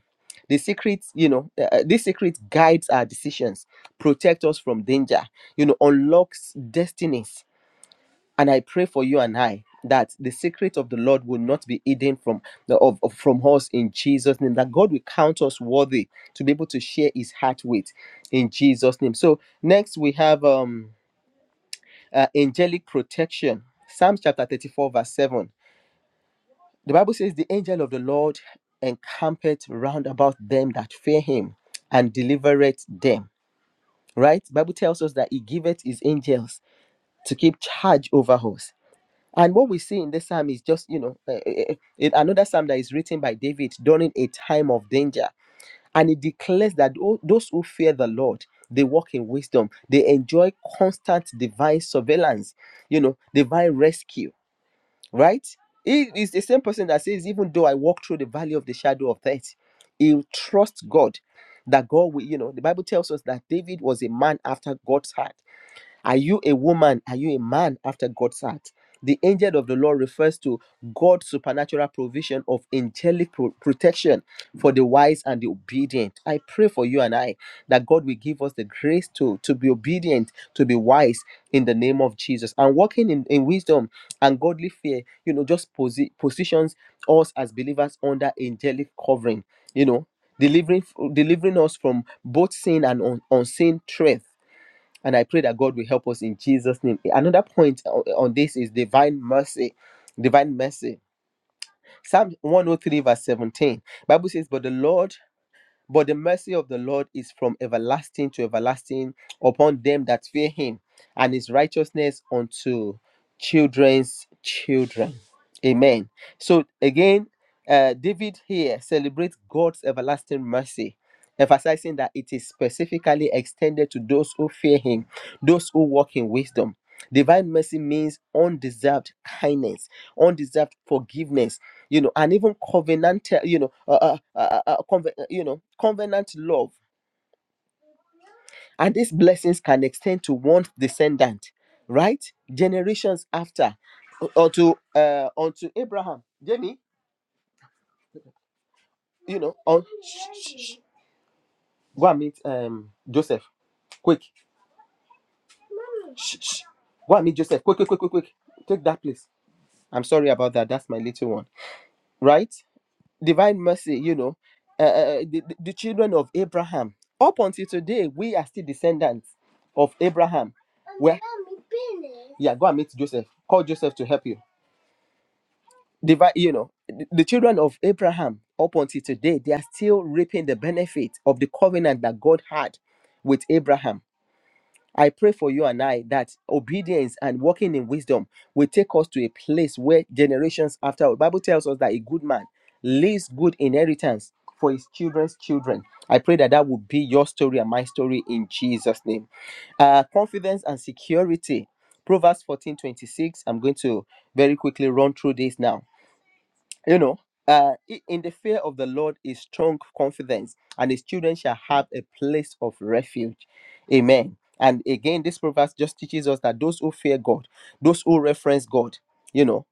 [SPEAKER 2] The secrets, you know, uh, uh, this secret guides our decisions, protect us from danger, you know, unlocks destinies and i pray for you and i that the secret of the lord will not be hidden from the of, of- from us in jesus name that god will count us worthy to be able to share his heart with in jesus name so next we have um uh, angelic protection psalms chapter 34 verse 7 the bible says the angel of the lord encampeth round about them that fear him and delivereth them right bible tells us that he giveth his angels to keep charge over us And what we see in this psalm is just, you know, eh, eh, eh, eh, another psalm that is written by David during a time of danger. And it declares that tho- those who fear the Lord, they walk in wisdom. They enjoy constant divine surveillance, you know, divine rescue, right? It is the same person that says, even though I walk through the valley of the shadow of death, he trusts God. That God will, you know, the Bible tells us that David was a man after God's heart are you a woman? Are you a man after God's heart? The angel of the Lord refers to God's supernatural provision of angelic pro- protection for the wise and the obedient. I pray for you and I that God will give us the grace to, to be obedient, to be wise in the name of Jesus. And walking in, in wisdom and godly fear, you know, just posi- positions us as believers under angelic covering, you know, delivering delivering us from both sin and un- unseen threats and I pray that God will help us in Jesus' name. Another point o- on this is divine mercy. Divine mercy. Psalm 103, verse 17. Bible says, But the Lord but the mercy of the Lord is from everlasting to everlasting upon them that fear him, and his righteousness unto children's children. Amen. So again, uh, David here celebrates God's everlasting mercy, emphasizing that it is specifically extended to those who fear him, those who walk in wisdom. Divine mercy means undeserved kindness, undeserved forgiveness you know, and even covenant, uh, you know, uh, uh, uh, uh, conven- you know, covenant love. And these blessings can extend to one descendant, right? Generations after, or to uh, unto Abraham, Jamie, you know, on go and meet um Joseph, quick, go and meet Joseph, quick, quick, quick, quick, quick, take that please. I'm sorry about that. That's my little one, right? divine mercy, you know, uh, uh, uh, the, the the children of Abraham. Up until today, we are still descendants of Abraham. Where, yeah, go and meet Joseph. Call Joseph to help you. Divine, you know, the, the children of Abraham, up until today, they are still reaping the benefit of the covenant that God had with Abraham I pray for you and I that obedience and walking in wisdom will take us to a place where generations after the Bible tells us that a good man leaves good inheritance for his children's children. I pray that that will be your story and my story in Jesus' name. Uh, confidence and security. Proverbs fourteen twenty-six. I'm going to very quickly run through this now you know uh, i- in the fear of the lord is strong confidence and his children shall have a place of refuge amen and again this proverb just teaches us that those who fear god those who reference god you know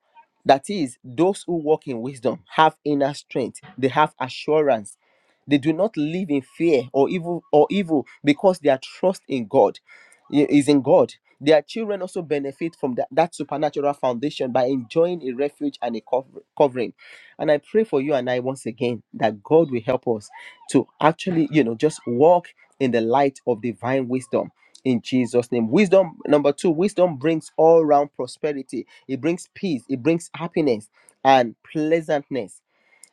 [SPEAKER 2] that is those who walk in wisdom have inner strength they have assurance they do not live in fear or evil or evil because their trust in god i- is in god their children also benefit from that, that supernatural foundation by enjoying a refuge and a cover- covering and I pray for you and I once again that God will help us to actually, you know, just walk in the light of divine wisdom in Jesus' name. Wisdom, number two, wisdom brings all round prosperity, it brings peace, it brings happiness and pleasantness,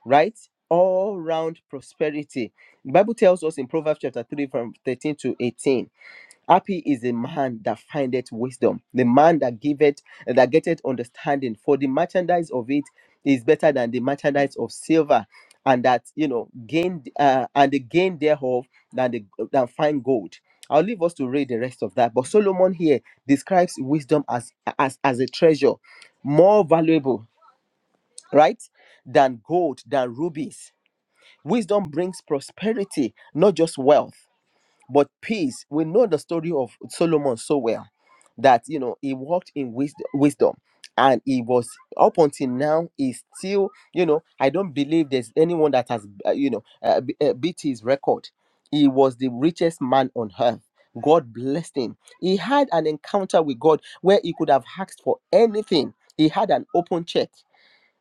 [SPEAKER 2] right? All round prosperity. The Bible tells us in Proverbs chapter 3, from 13 to 18 Happy is the man that findeth wisdom, the man that giveth, that getteth understanding. For the merchandise of it is better than the merchandise of silver, and that you know gain uh, and the gain thereof than the than fine gold. I'll leave us to read the rest of that. But Solomon here describes wisdom as as as a treasure, more valuable, right, than gold, than rubies. Wisdom brings prosperity, not just wealth. But peace, we know the story of Solomon so well that you know he walked in wisdom, wisdom and he was up until now is still you know i don't believe there's anyone that has uh, you know uh, b- uh, beat his record he was the richest man on earth god blessed him he had an encounter with god where he could have asked for anything he had an open check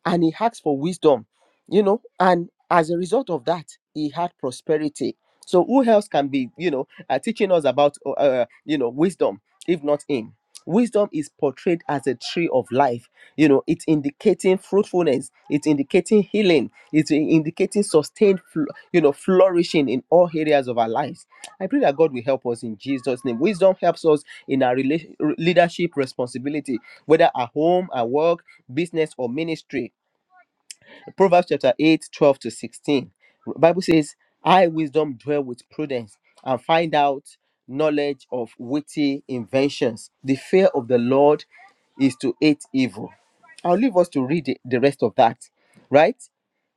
[SPEAKER 2] and he asked for wisdom, you know, and as a result of that, he had prosperity. So who else can be, you know, uh, teaching us about, uh, uh, you know, wisdom if not him? Wisdom is portrayed as a tree of life. You know, it's indicating fruitfulness. It's indicating healing. It's in- indicating sustained, fl- you know, flourishing in all areas of our lives. I pray that God will help us in Jesus' name. Wisdom helps us in our rela- leadership responsibility, whether at home, at work, business, or ministry Proverbs chapter 8 12 to 16. Bible says, I wisdom dwell with prudence and find out knowledge of witty inventions. The fear of the Lord is to hate evil. I'll leave us to read the, the rest of that, right?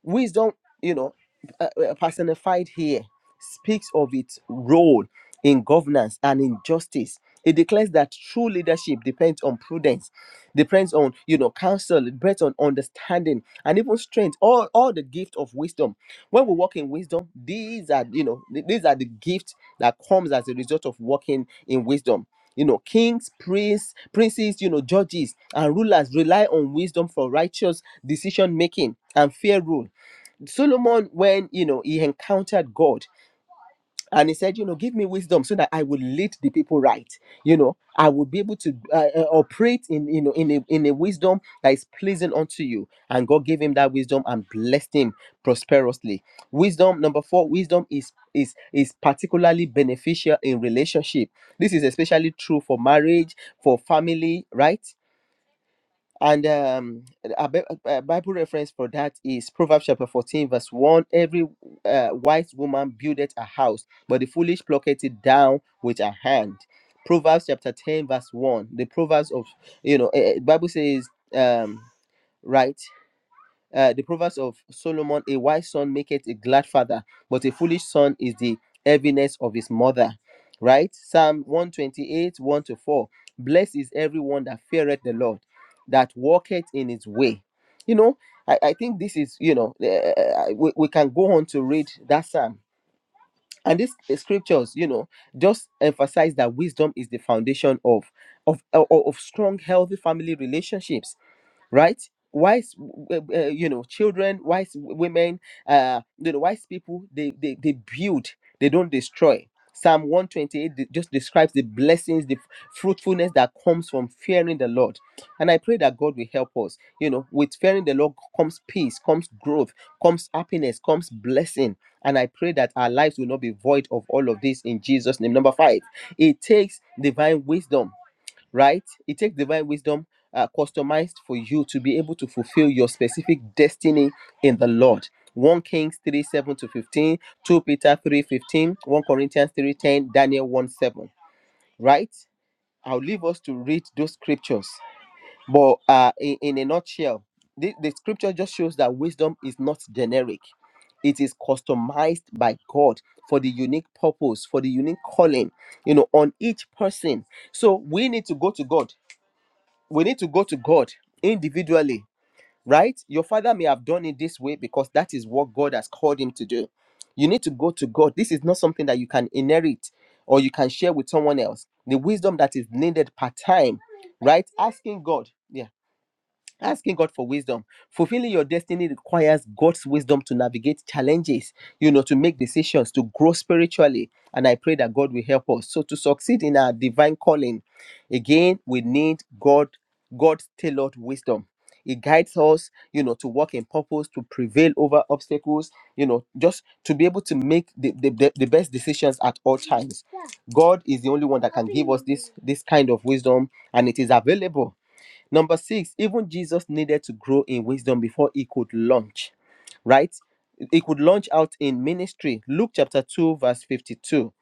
[SPEAKER 2] Wisdom, you know, uh, uh, personified here, speaks of its role in governance and in justice. It declares that true leadership depends on prudence depends on you know counsel it depends on understanding and even strength all all the gift of wisdom when we walk in wisdom these are you know th- these are the gifts that comes as a result of walking in wisdom you know kings priests princes you know judges and rulers rely on wisdom for righteous decision making and fair rule solomon when you know he encountered god and he said you know give me wisdom so that i will lead the people right you know i will be able to uh, uh, operate in you know in a, in a wisdom that is pleasing unto you and god gave him that wisdom and blessed him prosperously wisdom number four wisdom is is is particularly beneficial in relationship this is especially true for marriage for family right and um, a Bi- a Bible reference for that is Proverbs chapter 14, verse 1. Every uh, wise woman buildeth a house, but the foolish plucketh it down with her hand. Proverbs chapter 10, verse 1. The Proverbs of, you know, eh, eh, Bible says, um, right? uh, the proverbs of Solomon, a wise son maketh a glad father, but a foolish son is the heaviness of his mother. Right? Psalm 128, 1 to 4. Blessed is everyone that feareth the Lord, that walketh in his way. You know, I, I think this is, you know, uh, we, we can go on to read that psalm. And these scriptures, you know, just emphasize that wisdom is the foundation of of, eh, of, of strong, healthy family relationships right wise w- uh, you know children wise women uh you know wise people they they, they build they don't destroy psalm 128 just describes the blessings the fruitfulness that comes from fearing the lord and i pray that god will help us you know with fearing the lord comes peace comes growth comes happiness comes blessing and i pray that our lives will not be void of all of this in jesus name number five it takes divine wisdom right? It takes divine wisdom uh, customized for you to be able to fulfill your specific destiny in the Lord. 1 Kings 3 7 to 15, Second Peter 3 fifteen, First Corinthians 3 10, Daniel 1 7, right? I'll leave us to read those scriptures. But uh, in, in a nutshell, the, the scripture just shows that wisdom is not generic, it is customized by God for the unique purpose, for the unique calling, you know, on each person. So we need to go to God we need to go to God individually, right? Your father may have done it this way because that is what God has called him to do. You need to go to God. This is not something that you can inherit or you can share with someone else. The wisdom that is needed per time, right? Asking God. Yeah asking god for wisdom fulfilling your destiny requires god's wisdom to navigate challenges you know to make decisions to grow spiritually and i pray that god will help us so to succeed in our divine calling again we need god god's tailored wisdom it guides us you know to walk in purpose to prevail over obstacles you know just to be able to make the, the, the the best decisions at all times god is the only one that can give us this this kind of wisdom and it is available Number six, even Jesus needed to grow in wisdom before he could launch, right? He could launch out in ministry. Luke chapter 2, verse 52.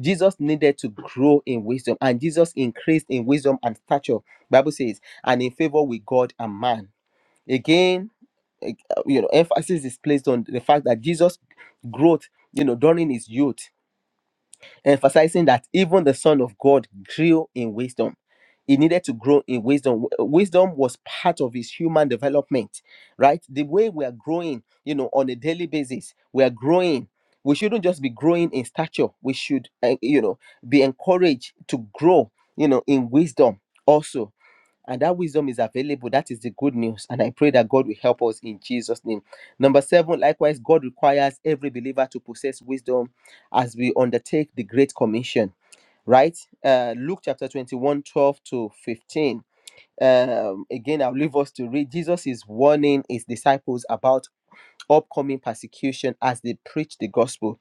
[SPEAKER 2] Jesus needed to grow in wisdom, and Jesus increased in wisdom and stature. Bible says, and in favor with God and man. Again, eh, you know, emphasis is placed on the fact that Jesus' growth, you know, during his youth emphasizing that even the Son of God grew in wisdom. He needed to grow in wisdom. W- uh, Wisdom was part of his human development, right? The way we are growing, you know, on a daily basis, we are growing. We shouldn't just be growing in stature. We should, uh, you know, be encouraged to grow, you know, in wisdom also and that wisdom is available. That is the good news. And I pray that God will help us in Jesus' name. Number seven, likewise, God requires every believer to possess wisdom as we undertake the Great Commission, right? Uh, Luke chapter 21, 12 to 15. Um, again, I'll leave us to read. Jesus is warning his disciples about upcoming persecution as they preach the gospel.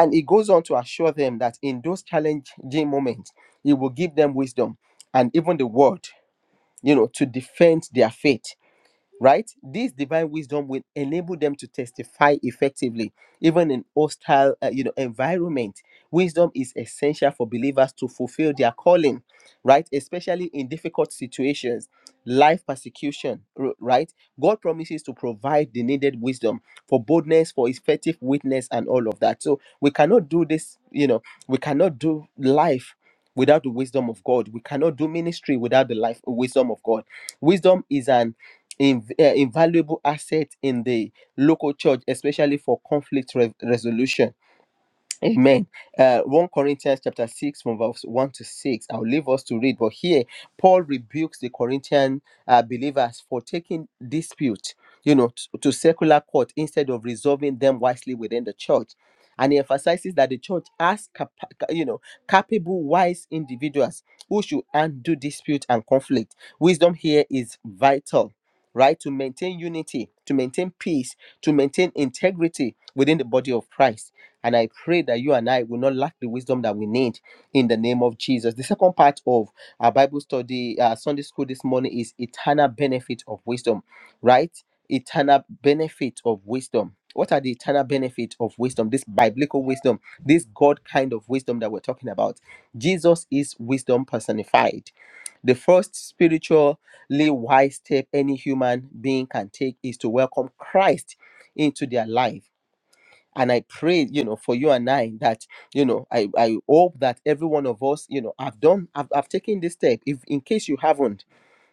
[SPEAKER 2] And he goes on to assure them that in those challenging moments, he will give them wisdom and even the word you know to defend their faith right? This divine wisdom will enable them to testify effectively, even in hostile, uh, you know, environment. Wisdom is essential for believers to fulfill their calling, right? Especially in difficult situations, life persecution, r- right? God promises to provide the needed wisdom for boldness, for effective witness, and all of that. So we cannot do this, you know, we cannot do life without the wisdom of God. We cannot do ministry without the life wisdom of God. Wisdom is an in, uh, invaluable asset in the local church, especially for conflict re- resolution Amen. Uh, 1 Corinthians chapter 6 from verse 1 to 6. I'll leave us to read, but here Paul rebukes the Corinthian uh, believers for taking dispute, you know, t- to secular court instead of resolving them wisely within the church. And he emphasizes that the church has, capa- you know, capable, wise individuals who should undo dispute and conflict. Wisdom here is vital, right? To maintain unity, to maintain peace, to maintain integrity within the body of Christ and I pray that you and I will not lack the wisdom that we need in the name of Jesus. The second part of our Bible study, uh, Sunday school this morning is eternal benefit of wisdom, right? Eternal benefit of wisdom. What are the eternal benefits of wisdom? This biblical wisdom, this God kind of wisdom that we're talking about. Jesus is wisdom personified. The first spiritually wise step any human being can take is to welcome Christ into their life and i pray you know for you and i that you know i i hope that every one of us you know i've done i've, I've taken this step if in case you haven't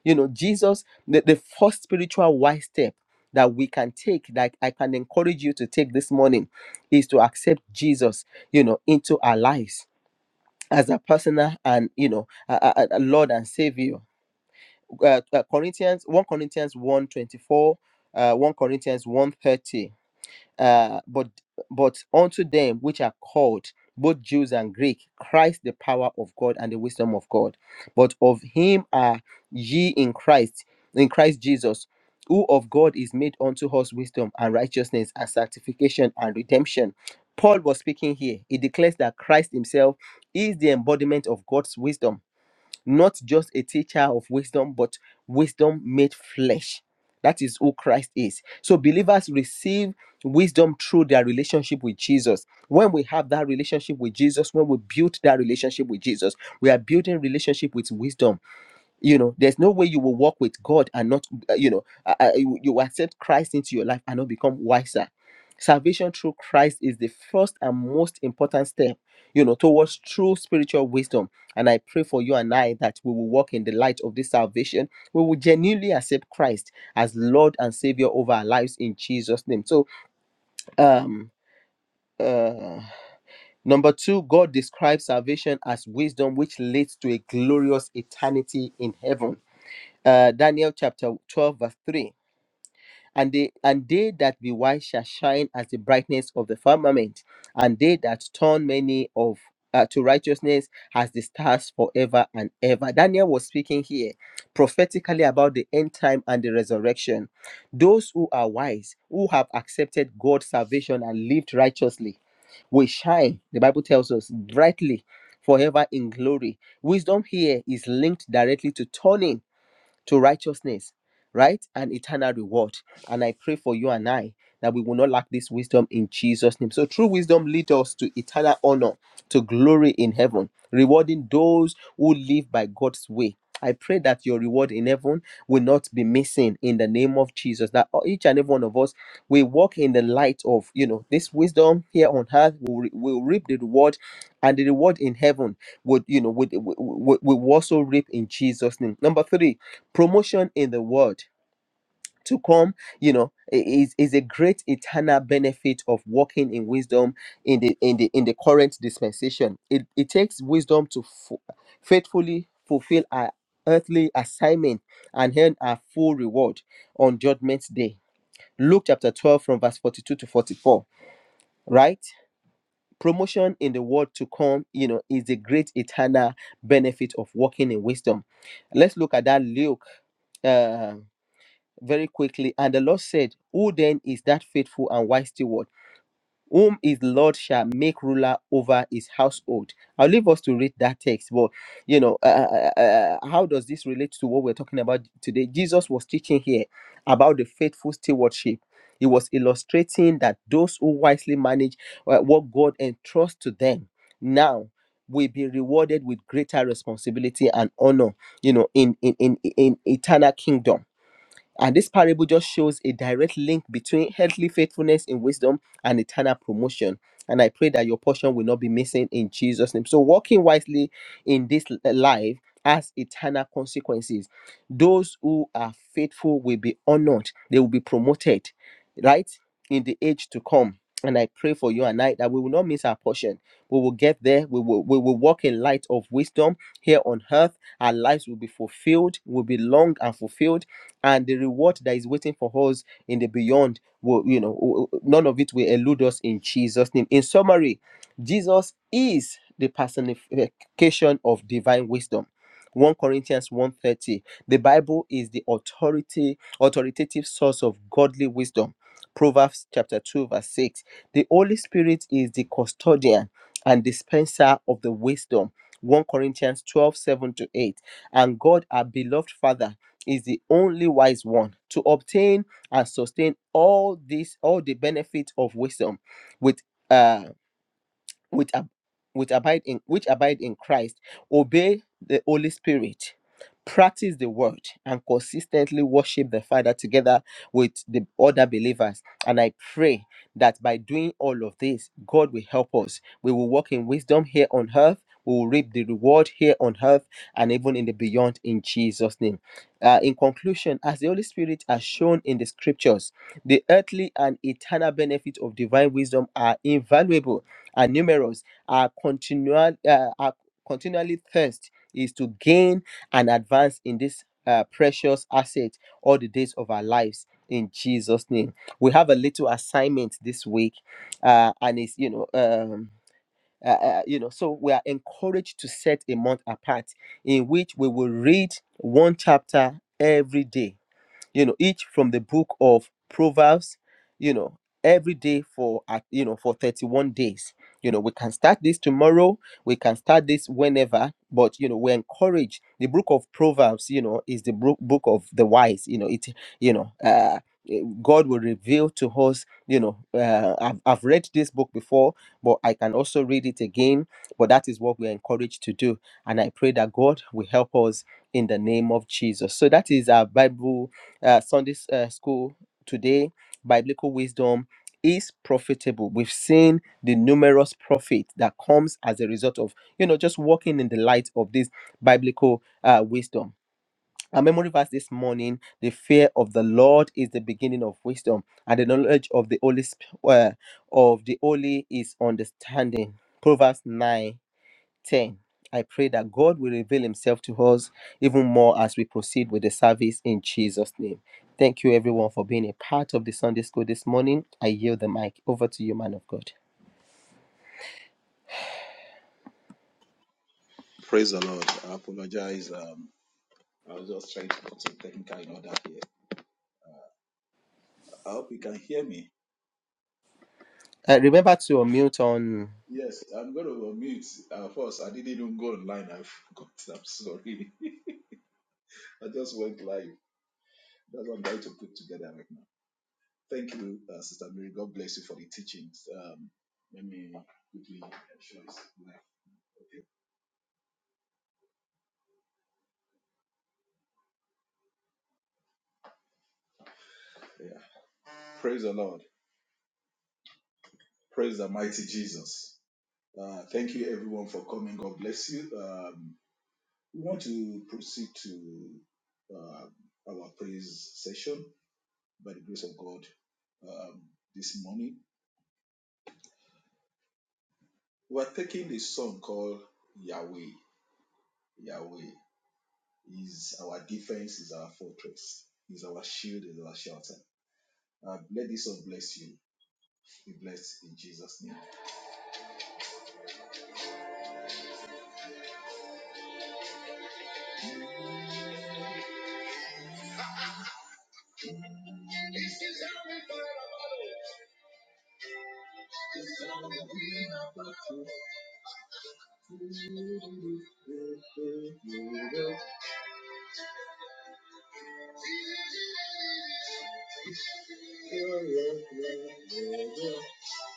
[SPEAKER 2] you know jesus the, the first spiritual wise step that we can take that i can encourage you to take this morning is to accept jesus you know into our lives as a personal and you know a, a- a lord and savior uh, uh, corinthians 1 corinthians one 24, uh, 1 corinthians one thirty. Uh, but but unto them which are called both Jews and Greek, Christ the power of God and the wisdom of God. But of him are ye in Christ, in Christ Jesus, who of God is made unto us wisdom and righteousness and sanctification and redemption. Paul was speaking here. He declares that Christ himself is the embodiment of God's wisdom not just a teacher of wisdom, but wisdom made flesh. That is who Christ is. So believers receive wisdom through their relationship with Jesus. When we have that relationship with Jesus, when we build that relationship with Jesus, we are building relationship with wisdom you know there's no way you will walk with god and not uh, you know uh, uh, you, you accept christ into your life and not become wiser salvation through christ is the first and most important step you know towards true spiritual wisdom and i pray for you and i that we will walk in the light of this salvation we will genuinely accept christ as lord and savior over our lives in jesus name so um uh number two god describes salvation as wisdom which leads to a glorious eternity in heaven uh, Daniel chapter 12, verse 3. And they, and they that be wise shall shine as the brightness of the firmament, and they that turn many of uh, to righteousness as the stars forever and ever. Daniel was speaking here prophetically about the end time and the resurrection. Those who are wise, who have accepted God's salvation and lived righteously, will shine, the Bible tells us, brightly forever in glory. Wisdom here is linked directly to turning to righteousness, right? And eternal reward. And I pray for you and I that we will not lack this wisdom in Jesus' name. So true wisdom leads us to eternal honor, to glory in heaven, rewarding those who live by God's way. I pray that your reward in heaven will not be missing in the name of Jesus. That each and every one of us we walk in the light of you know this wisdom here on earth. We'll, re- we'll reap the reward, and the reward in heaven would you know would, would, would, would also reap in Jesus' name. Number three, promotion in the world to come you know i- is is a great eternal benefit of walking in wisdom in the in the in the current dispensation it, it takes wisdom to fu- faithfully fulfill our earthly assignment and earn our full reward on judgment day luke chapter 12 from verse 42 to 44 right promotion in the world to come you know is the great eternal benefit of walking in wisdom let's look at that luke uh, very quickly. And the Lord said, Who then is that faithful and wise steward, whom his Lord shall make ruler over his household? I'll leave us to read that text. But, you know, uh, uh, uh, uh, uh, how does this relate to what we're talking about today? Jesus was teaching here about the faithful stewardship. He was illustrating that those who wisely manage uh, what God entrusts to them now will be rewarded with greater responsibility and honor, you know, in in in, in eternal kingdom and this parable just shows a direct link between earthly faithfulness in wisdom and eternal promotion. And I pray that your portion will not be missing in Jesus' name. So, walking wisely in this l- life has eternal consequences. Those who are faithful will be honored, they will be promoted, right, in the age to come. And I pray for you and I that we will not miss our portion. We will get there. We will, we will walk in light of wisdom here on earth. Our lives will be fulfilled, will be long and fulfilled and the reward that is waiting for us in the beyond will you know w- none of it will elude us in jesus name in summary jesus is the personification of divine wisdom 1 corinthians one thirty. the bible is the authority authoritative source of godly wisdom proverbs chapter 2 verse 6 the holy spirit is the custodian and dispenser of the wisdom 1 corinthians 12 7 to 8 and god our beloved father is the only wise one to obtain and sustain all this all the benefits of wisdom with uh which, ab- which abide in which abide in Christ obey the Holy Spirit practice the word and consistently worship the father together with the other believers and i pray that by doing all of this god will help us we will walk in wisdom here on earth we will reap the reward here on earth and even in the beyond in jesus name Uh, in conclusion as the holy spirit has shown in the scriptures the earthly and eternal benefits of divine wisdom are invaluable are numerous. are continual uh, our continually thirst is to gain and advance in this uh, precious asset all the days of our lives. In Jesus' name, we have a little assignment this week, uh, and it's you know. Um, uh, uh, you know, so we are encouraged to set a month apart in which we will read one chapter every day you know each from the book of proverbs you know every day for at you know for 31 days you know we can start this tomorrow we can start this whenever but you know we encourage the book of proverbs you know is the book book of the wise you know it you know uh eh, God will reveal to us, you know. Uh, I've, I've read this book before, but I can also read it again. But that is what we're encouraged to do. And I pray that God will help us in the name of Jesus. So that is our Bible uh, Sunday s- uh, school today, biblical wisdom is profitable. We've seen the numerous profit that comes as a result of, you know, just walking in the light of this biblical uh, wisdom. Our memory verse this morning the fear of the Lord is the beginning of wisdom, and the knowledge of the Holy Sp- uh, of the Holy is understanding. Proverbs 9 10. I pray that God will reveal himself to us even more as we proceed with the service in Jesus' name. Thank you, everyone, for being a part of the Sunday school this morning. I yield the mic over to you, man of God.
[SPEAKER 3] Praise the Lord. I apologize. Um, I was just trying to put some technical in order here. I hope you can hear me.
[SPEAKER 2] Uh, remember to unmute on.
[SPEAKER 3] Yes, I'm going to unmute. Uh, first, I didn't even go online. I [laughs] forgot. I'm sorry. [laughs] I just went live. That's what I'm trying to put together right now. Thank you, uh, Sister Mary. God bless you for the teachings. Um, let me quickly show this live. Okay. Yeah. Praise the Lord. Praise the mighty Jesus. Uh, thank you, everyone, for coming. God bless you. Um, We want to proceed to uh, our praise session by the grace of God um, this morning. We're taking a song called Yahweh. Yahweh is our defense, is our fortress, is our shield, is our shelter. Uh, let this song bless you. Be blessed in Jesus' name.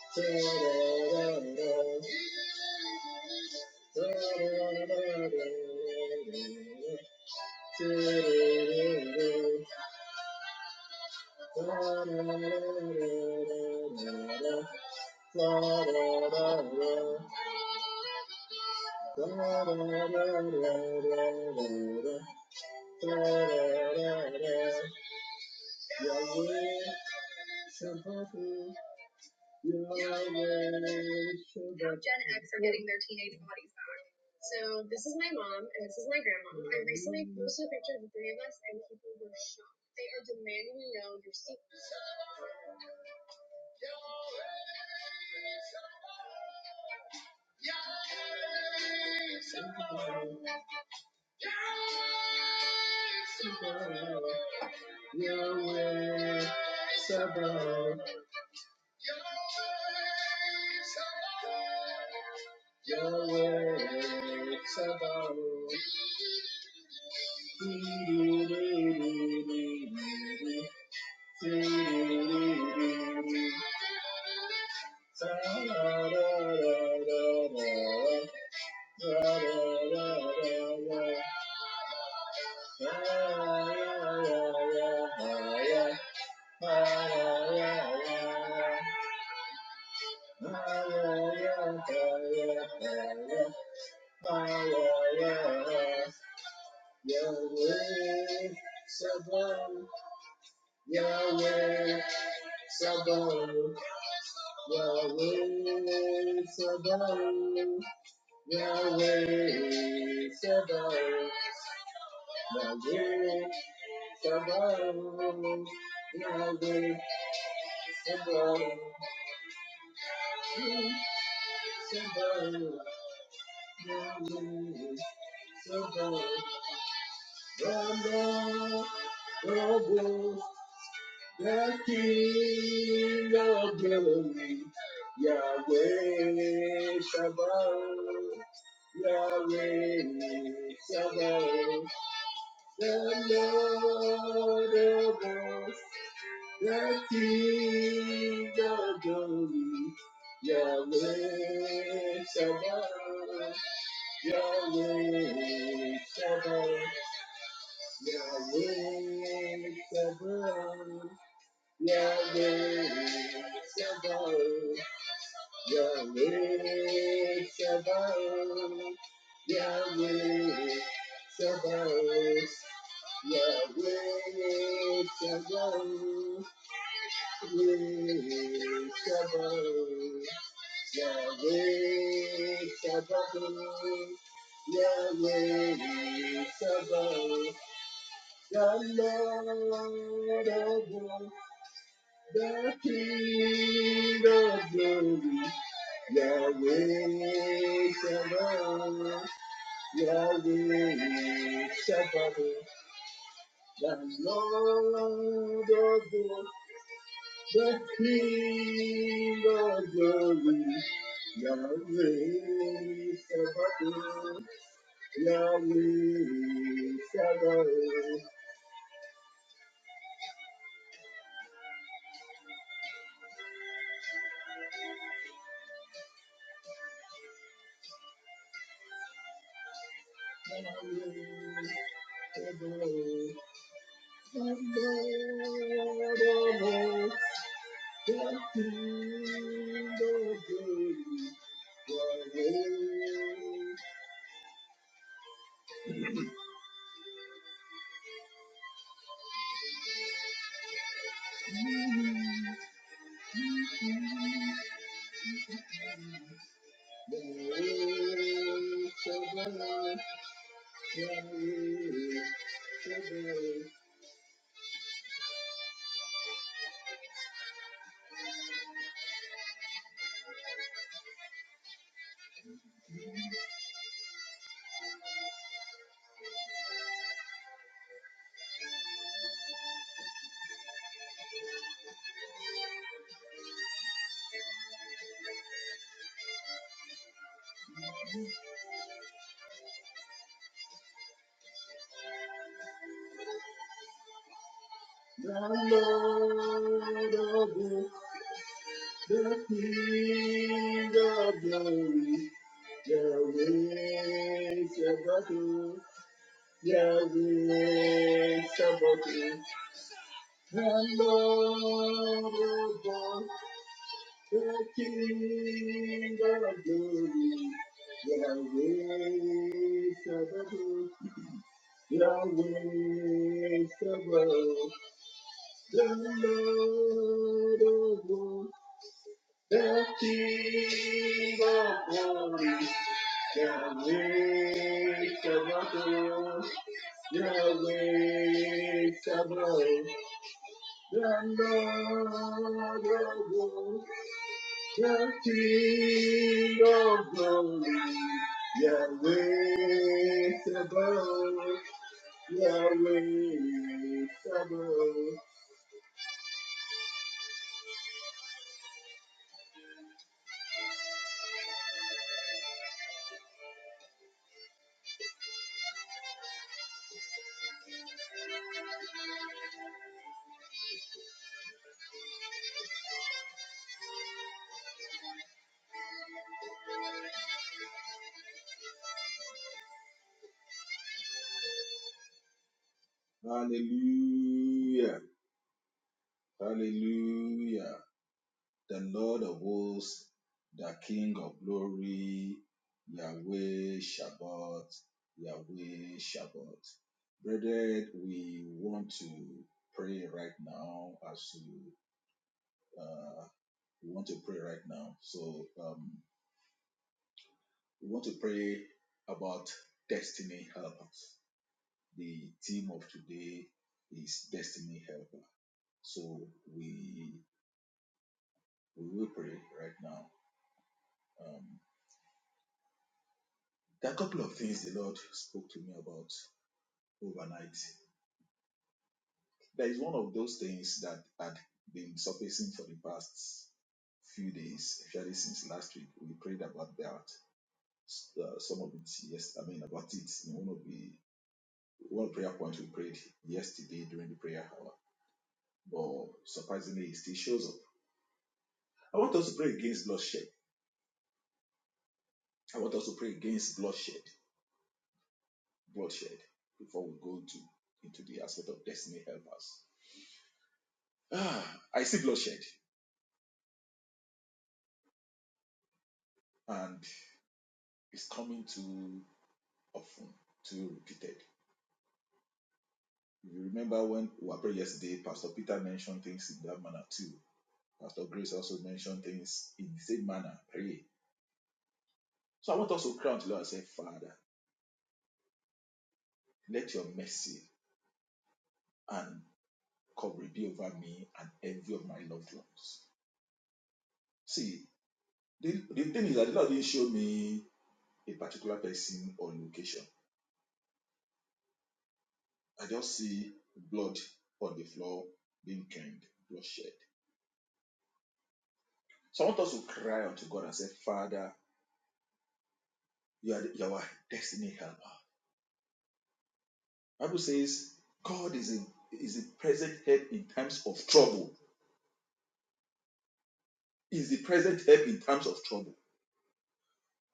[SPEAKER 3] Yahweh Now Gen X are Your works above. [laughs] Yahweh, Sabaoth, Yahweh, Sabaoth, Yahweh Sabaoth, Yahweh Sabaoth. Yahweh Sabaoth. Yahweh Sabaoth. Sabaoth. Yahweh Sabaoth. Rama, Rabu, the King of Glory. Yahweh Sabaoth. Yahweh Sabaoth. The Lord of Hosts, the King of glory, Yahweh Shabbat, Yahweh Shabbat, Yahweh Shabbat, Yahweh Shabbat, Yahweh Shabbat, Yahweh Shabbat. Yahweh Shabbat. Yahweh Shabbat. Yahweh Shabbat. Yahweh Shabbat. The Lord of hosts, the King of glory. Yahweh Shabbat. Yahweh Shabbat. The Lord of hosts, the King of glory, Yahweh Sabaoth, Yahweh Sabaoth, Yahweh Sabaoth, the Lord of hosts, the King of glory, Yahweh. Lord of all, the King of glory, Yahweh Sabaoth, Yahweh Sabaoth, the Lord of all, the King of glory, Yahweh Sabaoth. Yahweh Sabaoth, the Lord of hosts, the King of glory. Yahweh Sabaoth, Yahweh Sabaoth, the Lord of hosts, the King of glory. Yahweh Sabaoth, Yahweh Sabaoth. Hallelujah. Hallelujah. The Lord of hosts, the King of glory, Yahweh Shabbat, Yahweh Shabbat. Brethren, we want to pray right now as you uh, we want to pray right now. So um, we want to pray about destiny helpers. The theme of today is destiny helper. So we We will pray right now. Um, there are a couple of things the Lord spoke to me about overnight. There is one of those things that had been surfacing for the past few days, especially since last week. We prayed about that. Uh, some of it, yes, I mean about it in one of the one prayer point we prayed yesterday during the prayer hour. But surprisingly, it still shows up. I want us to pray against bloodshed. I want us to pray against bloodshed. bloodshed before we go into into the aspect of destiny helpers. Ah, I see bloodshed, and it's coming too often, too repeated. You remember when we were praying yesterday, Pastor Peter mentioned things in that manner too. Pastor Grace also mentioned things in the same manner. Pray. So I want us to cry unto the Lord and say, Father, let your mercy and covering be over me and every of my loved ones. See, the, the thing is that the Lord didn't show me a particular person or location. I just see blood on the floor being drained, blood shed. So I want us to cry unto God and say, Father, you are, the, you are our destiny helper. Bible says, God is a, is a present help in times of trouble. Is the present help in times of trouble.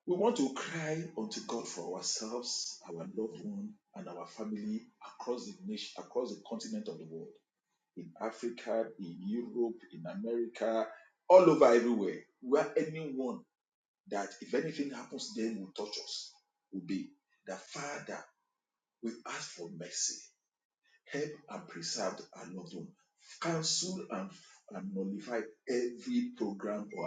[SPEAKER 3] We want to cry unto God for ourselves, our loved one, and our family across the nation, across the continent of the world, in Africa, in Europe, in America, all over everywhere, where anyone that if anything happens to them will touch us will be that Father, we ask for mercy help and preserve our loved one. Cancel and, and nullify every program or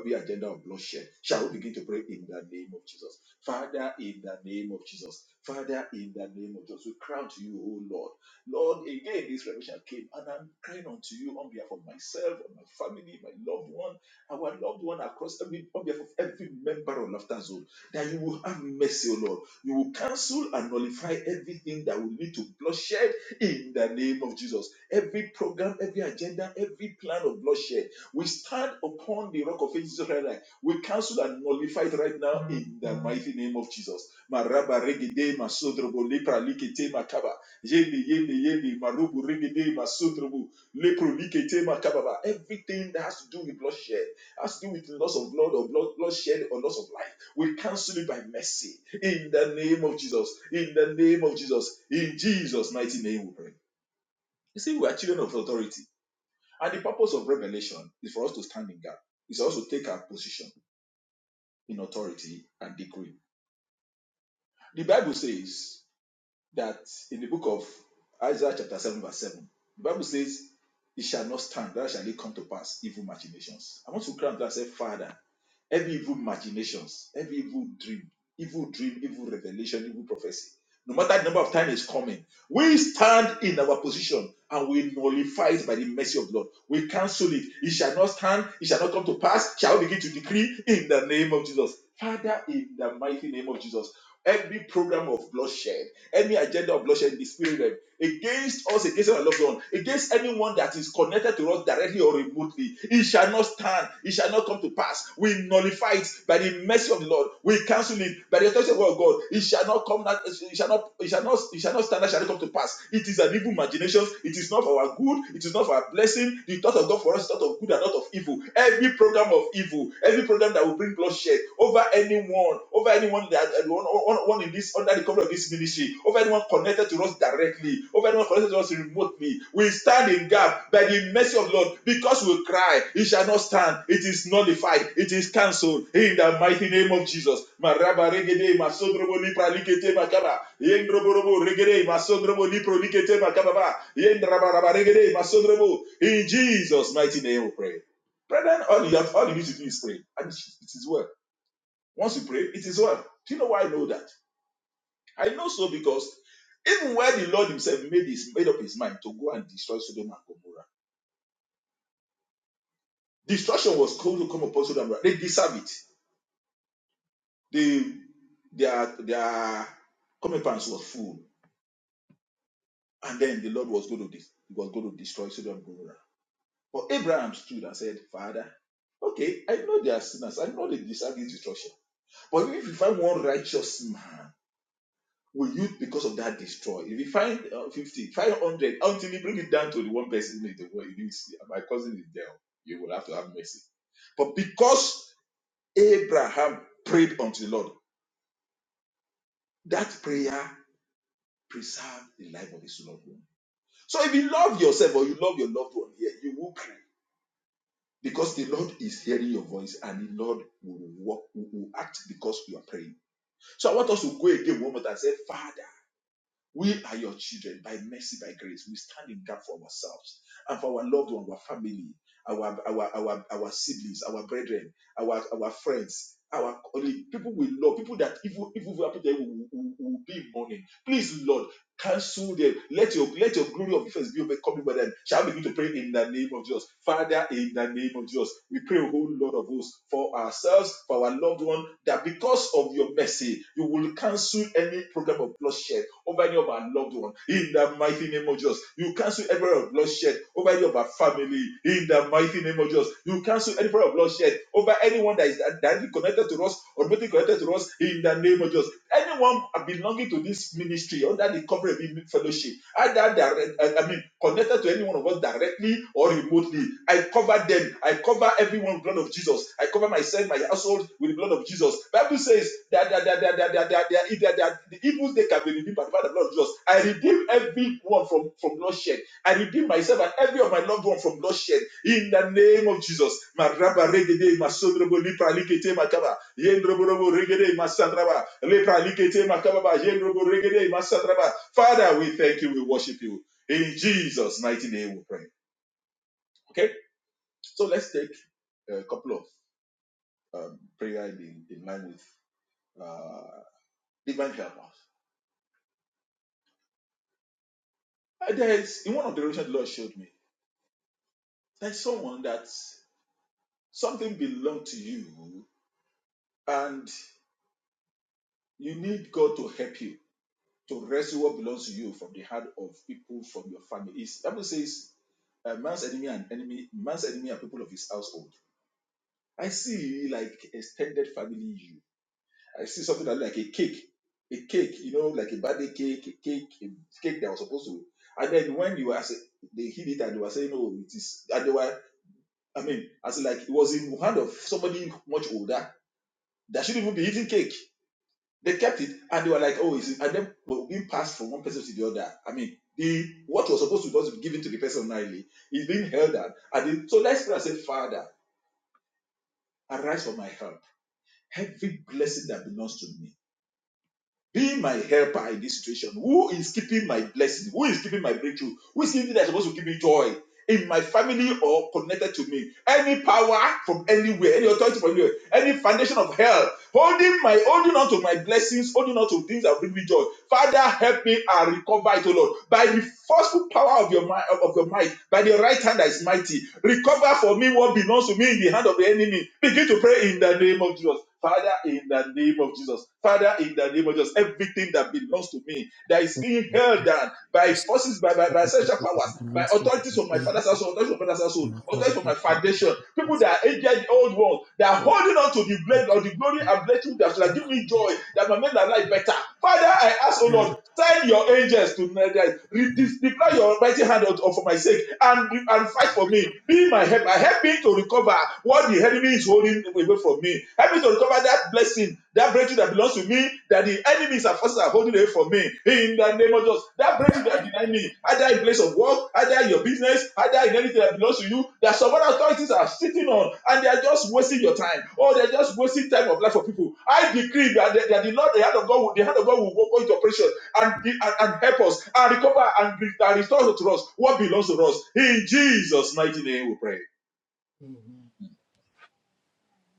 [SPEAKER 3] every agenda of bloodshed. Shall we begin to pray in the name of Jesus? Father, in the name of Jesus. Father, in the name of Jesus. We crown to you, O Lord. Lord, again, this revelation came, and I'm crying unto you on behalf of myself, and my family, my loved one, our loved one across every, on behalf of every member of Laughter Zone, that you will have mercy, O Lord. You will cancel and nullify everything that will lead to bloodshed in the name of Jesus. Every program, every agenda, every plan of bloodshed, we stand upon the rock of ages right now. We cancel and nullify it right now in the mighty name of Jesus. Maraba regede masodrobo lepra likete makaba. Yende yende yende marubu regede masodrobo lepro likete makababa. Everything that has to do with bloodshed, has to do with loss of blood or blood, bloodshed or loss of life, we cancel it by mercy in the name of Jesus. In the name of Jesus. In Jesus' mighty name we pray. You see, we are children of authority. And the purpose of revelation is for us to stand in gap. It's also take our position in authority and decree. The Bible says that in the book of Isaiah chapter 7 verse 7, the Bible says, it shall not stand, that shall it come to pass, evil machinations. I want to cry out and say, Father, every evil machinations, every evil dream, evil dream, evil revelation, evil prophecy no matter the number of times it's coming. We stand in our position and we nullify it by the mercy of the Lord. We cancel it. It shall not stand. It shall not come to pass. Shall we begin to decree in the name of Jesus? Father, in the mighty name of Jesus, every program of bloodshed, any agenda of bloodshed in the spirit realm against us, against our loved one, against anyone that is connected to us directly or remotely. It shall not stand. It shall not come to pass. We nullify it by the mercy of the Lord. We cancel it by the authority of God. It shall not come. That it shall not. It shall not. It shall not stand. That shall not come to pass. It is an evil imagination. It is not for our good. It is not for our blessing. The thought of God for us is thought of good and not of evil. Every program of evil, every program that will bring bloodshed over anyone, over over anyone that uh, one, one, one in this under the cover of this ministry, over anyone connected to us directly, over anyone connected to us remotely. We stand in gap by the mercy of the Lord because we cry, it shall not stand. It is nullified. It is cancelled in the mighty name of Jesus. In Jesus' mighty name we pray. Brethren, all you have all you need to do is pray. And it is well. Once you pray, it is well. Do you know why I know that? I know so because even when the Lord Himself made his made up his mind to go and destroy Sodom and Gomorrah, destruction was going to come upon Sodom and Gomorrah. They deserve it. They, their their comeuppance was full, and then the Lord was going to dis- was going to destroy Sodom and Gomorrah. But Abraham stood and said, Father, okay, I know they are sinners. I know they deserve this destruction. But if you find one righteous man Will you, because of that, destroy? If you find uh, 50, five hundred, until you bring it down to the one person in the world, you need to see, my cousin is there, you will have to have mercy. But because Abraham prayed unto the Lord, that prayer preserved the life of his loved one. So if you love yourself or you love your loved one here, yeah, you will pray. Because the Lord is hearing your voice and the Lord will, walk, will act because you are praying. So I want us to go again one more time and say, Father. We are your children by mercy, by grace. We stand in gap for ourselves and for our loved one, our family, our our our, our siblings, our brethren, our our friends, our colleagues, people we love, people that evil evil will happen to them will, will, will be in mourning. Please, Lord. Cancel them. Let your let your glory of the face be overcoming by them. Shall we begin to pray in the name of Jesus? Father, in the name of Jesus, we pray, a whole lot of us, for ourselves, for our loved one, that because of your mercy, you will cancel any program of bloodshed over any of our loved one. In the mighty name of Jesus, you cancel every of bloodshed over any of our family. In the mighty name of Jesus, you cancel any of bloodshed over anyone that is is directly connected to us or maybe connected to us in the name of Jesus. Anyone belonging to this ministry under the covering of the fellowship, either direct, I I mean, connected to any one of us directly or remotely, I cover them. I cover everyone with the blood of Jesus. I cover myself, my household with the blood of Jesus. Bible says that, that, that, that, that, that, that, that, that, that the evils they can be redeemed by the blood of Jesus. I redeem everyone from from bloodshed. I redeem myself and every of my loved one from bloodshed in the name of Jesus. Maraba regede masondrobo lipra likete makaba yendroborobo regede masandraba lipra likete makaba yendrobo regede masandraba. Father, we thank you. We worship you in Jesus' mighty name. We pray. Okay, so let's take a couple of um, prayer in, in line with uh, divine help us. Uh, There is in one of the revelations the Lord showed me. There's someone that something belonged to you and. You need God to help you to rescue what belongs to you from the hand of people from your family. It's, Bible says, uh, man's enemy and enemy, man's enemy are people of his household. I see like extended family you. I see something that look like a cake, a cake, you know, like a birthday cake, a cake, a cake that was supposed to. And then when you were, say- they hid it and they were saying, "Oh, it is," and they were, I mean, as in like it was in hand of somebody much older that shouldn't even be eating cake They kept it and they were like, oh, is it? And then well, being passed from one person to the other. I mean, the what was supposed to just be given to the person ordinarily is being held out. And the, so let's pray and say, Father, arise for my help. Every blessing that belongs to me. Be my helper in this situation. Who is keeping my blessing? Who is keeping my breakthrough? Who is keeping that's supposed to give me joy? in my family or connected to me. Any power from anywhere, any authority from anywhere, any foundation of hell holding my holding on to my blessings, holding on to things that bring me joy. Father, help me and recover it, O Lord, by the forceful power of your might, of your might, by the right hand that is mighty. Recover for me what belongs to me in the hand of the enemy. Begin to pray in the name of Jesus. Father, in the name of Jesus. Father, in the name of Jesus. Everything that belongs to me, that is being held down by forces, by, by, by sexual powers, by authorities of my father's household, authorities of my father's household, authorities of my foundation, people that are aged the old world, they are holding on to the blessing or the glory and blessing that shall give me joy, that my men are life better. Father, I ask, O Lord, send your angels to my death. deploy your mighty hand out for my sake and, and fight for me. Be my help. I help me to recover what the enemy is holding away from me. Help me to recover that blessing, that breakthrough that belongs to me, that the enemies and forces are holding away from me. In the name of Jesus, that breakthrough that denied me, either in place of work, either in your business, either in anything that belongs to you, that some other authorities are sitting on and they are just wasting your time, or they're just wasting time of life for people. I decree that, that, that the Lord, the hand of God, will- the hand of God will go into operation and, be- and, and help us and recover and, re- and restore to us what belongs to us. In Jesus' mighty name, we pray.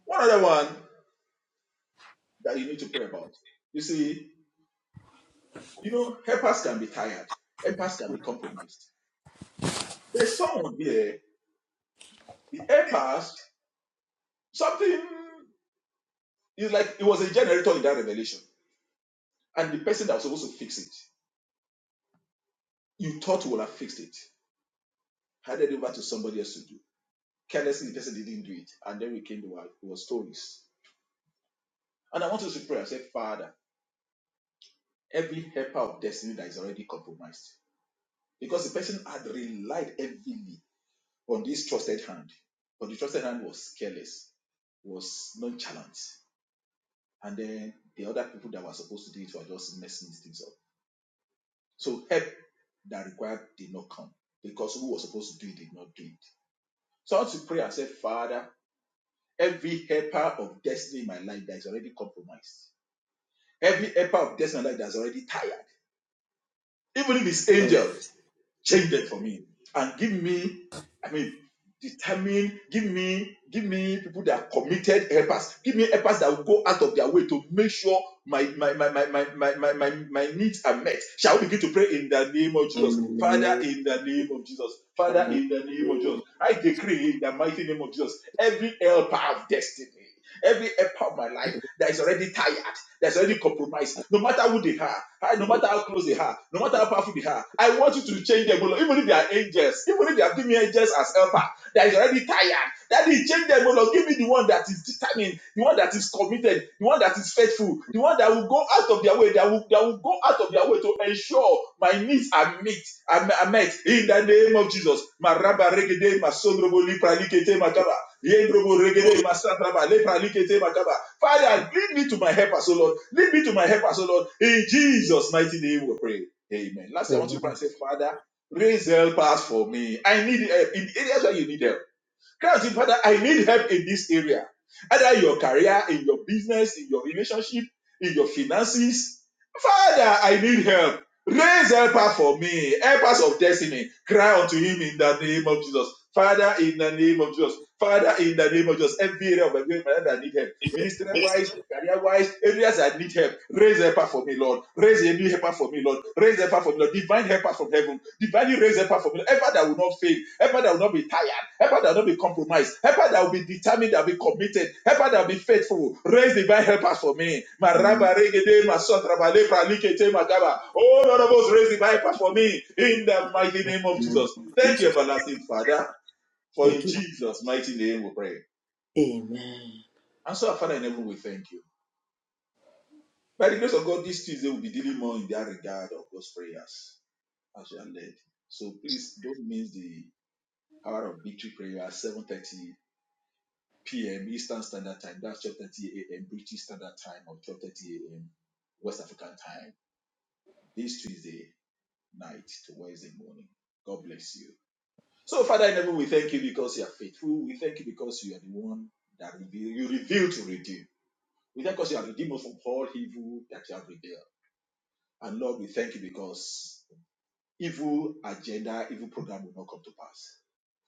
[SPEAKER 3] One other one. that you need to pray about. You see, you know, helpers can be tired, helpers can be compromised. There's someone there, the helpers, something is like it was a generator in that revelation, and the person that was supposed to fix it, you thought would have fixed it, handed it over to somebody else to do. Carelessly, the person didn't do it, and then we came to our, it stories. And I want us to pray and say, Father, every helper of destiny that is already compromised, because the person had relied heavily on this trusted hand. But the trusted hand was careless, was nonchalant. And then the other people that were supposed to do it were just messing these things up. So help that required did not come because who was supposed to do it did not do it. So I want to pray and say, Father, every helper of destiny in my life that is already compromised, every helper of destiny in my life that is already tired, Even if it's angels, change them for me and give me, I mean, determine, give me, give me people that are committed helpers. Give me helpers that will go out of their way to make sure my my my my my my my, my, my needs are met. Shall we begin to pray in the name of Jesus? Father,
[SPEAKER 2] Amen.
[SPEAKER 3] in the name of Jesus. Father,
[SPEAKER 2] Father,
[SPEAKER 3] in the name of Jesus. I decree in the mighty name of Jesus, every helper of destiny. Every part of my life that is already tired, that's already compromised, no matter who they are, I- no matter how close they are, no matter how powerful they are, I want you to change them, O Lord. Even if they are angels, even if they have given me angels as helper, that is already tired, that they change them, O Lord. Give me the one that is determined, the one that is committed, the one that is faithful, the one that will go out of their way, that will, that will go out of their way to ensure my needs are met I met in the name of Jesus. Maraba regede masondrobo lipra likete makaba. Yendrobo regede masatraba, lepralikete makaba. Father, lead me to my helper, so Lord. Lead me to my helper, so Lord. In Jesus' mighty name we pray. Amen. Lastly, I want to pray and say, Father, raise helpers for me. I need help in areas where you need help. Cry out to him, Father, I need help in this area. Either your career, in your business, in your relationship, in your finances. Father, I need help. Raise helper for me, helpers of destiny. Cry unto him in the name of Jesus. Father, in the name of Jesus. Father, in the name of Jesus. Every area of my life, I need help. Ministerial wise, career wise, areas I need help. Raise helper for me, Lord. Raise a new helper for me, Lord. Raise helper for me, Lord. Divine helper from heaven. Divinely raise helper for me. Helper that will not fail. Helper that will not be tired. Helper that will not be compromised. Helper that will be determined, that will be committed. Helper that will be faithful. Raise divine helpers for me. Ma raba regede, ma sotra ba lepra likete, ma gaba. Oh, Lord of us, raise divine helper for me. In the mighty name of Jesus. Thank you, everlasting Father. For
[SPEAKER 2] Thank
[SPEAKER 3] in
[SPEAKER 2] you.
[SPEAKER 3] Jesus' mighty name we pray.
[SPEAKER 2] Amen.
[SPEAKER 3] And so, our Father in heaven, we thank you. By the grace of God, this Tuesday we'll be dealing more in that regard of God's prayers as we are led. So please don't miss the hour of victory prayer at 7.30 p.m. Eastern Standard Time. That's 12.30 a.m. British Standard Time or 12.30 a.m. West African Time this Tuesday night to Wednesday morning. God bless you. So Father in heaven, we thank you because you are faithful. We thank you because you are the one that reveal, you reveal to redeem. We thank you because you are redeemed us from all evil that you have revealed. And Lord, we thank you because evil agenda, evil program will not come to pass.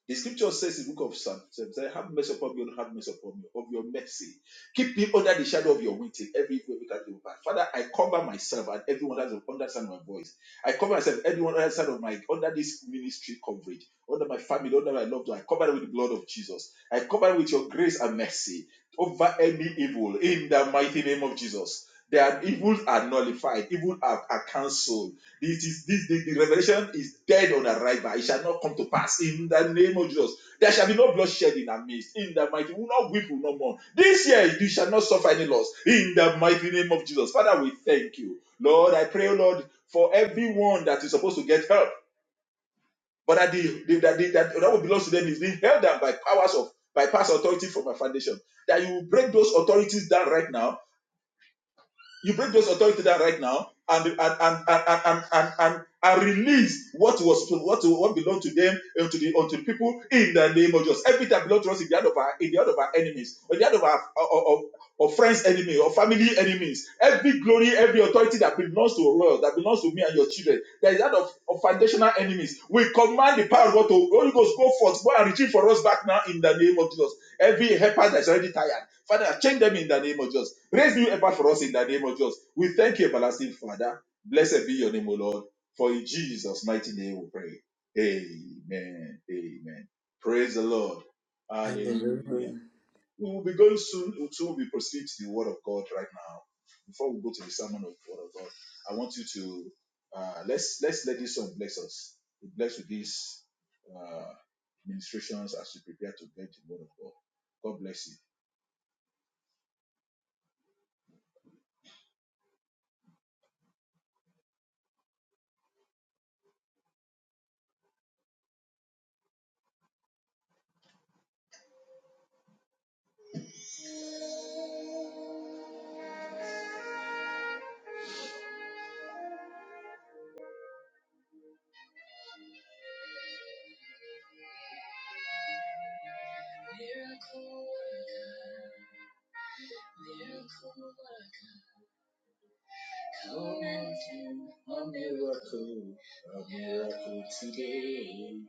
[SPEAKER 3] The scripture says in the book of Psalm, Psalm have mercy upon me, and have mercy upon me, of your mercy. Keep me under the shadow of your wings. till every evil every will pass. Father, I cover myself and everyone has understand my voice. I cover myself, everyone understand of my under this ministry coverage, under my family, under my loved one. I cover them with the blood of Jesus. I cover with your grace and mercy over any evil in the mighty name of Jesus. Their evils are nullified, evil are, are cancelled. This is this the, the revelation is dead on arrival. It shall not come to pass in the name of Jesus. There shall be no bloodshed in our midst. In the mighty, we will not weep, we will not mourn. This year you shall not suffer any loss. In the mighty name of Jesus, Father, we thank you, Lord. I pray, Lord, for everyone that is supposed to get help. But that the, the- that the- that that what belongs to them is being held down by powers of by past authority from my foundation. That you break those authorities down right now you break those authority down right now and and and and and, and, and, and release what was what what belonged to them and to the unto people in the name of Jesus. Everything that belongs to us in the hand of our in the hand of our enemies, or in the hand of our of, of, of friends enemy or family enemies. Every glory, every authority that belongs to the world, that belongs to me and your children, that is that of, of foundational enemies. We command the power of God to Holy Ghost go forth, go and retrieve for us back now in the name of Jesus. Every helper that is already tired, Father, change them in the name of Jesus. Raise new effort for us in the name of Jesus. We thank you, everlasting Father. Blessed be your name, O Lord. For in Jesus' mighty name we pray. Amen. Amen. Praise the Lord. Hallelujah.
[SPEAKER 2] Hallelujah.
[SPEAKER 3] We will be going soon to we proceed to the Word of God right now. Before we go to the sermon of the Word of God, I want you to uh, let's let's let this song bless us. Be blessed with these uh, ministrations as we prepare to get the Word of God. God bless you. A mountain, a miracle, a miracle today.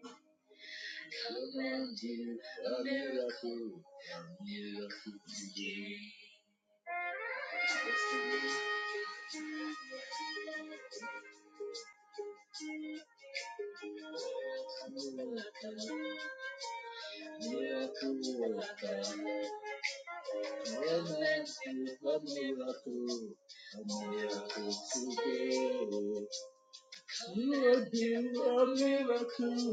[SPEAKER 3] A mountain, a miracle, a miracle today. Miracle worker, a mountain, a miracle, a miracle today. You will do a miracle,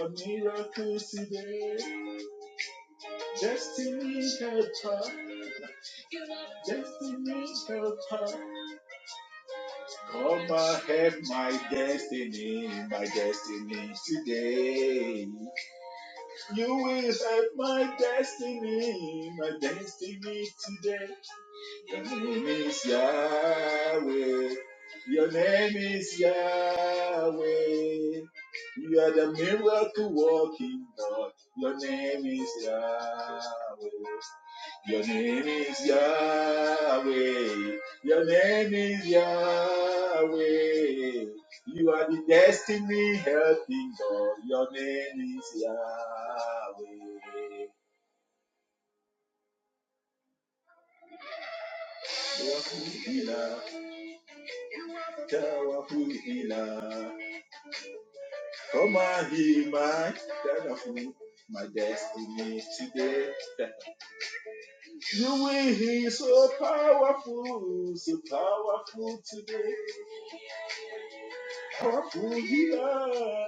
[SPEAKER 3] a miracle today. Destiny helper, destiny helper. Come and help my destiny, my destiny today. You will help my destiny, my destiny today. Your name is Yahweh. Your name is Yahweh. You are the miracle working God. Your name is Yahweh. Your name is Yahweh. Your name is Yahweh. You are the destiny helping God. Your name is Yahweh. Wakuhila, Tawakuhila. Come and hear my Tanafu, my destiny today. You will heal so powerful, so powerful today. Powerful healer.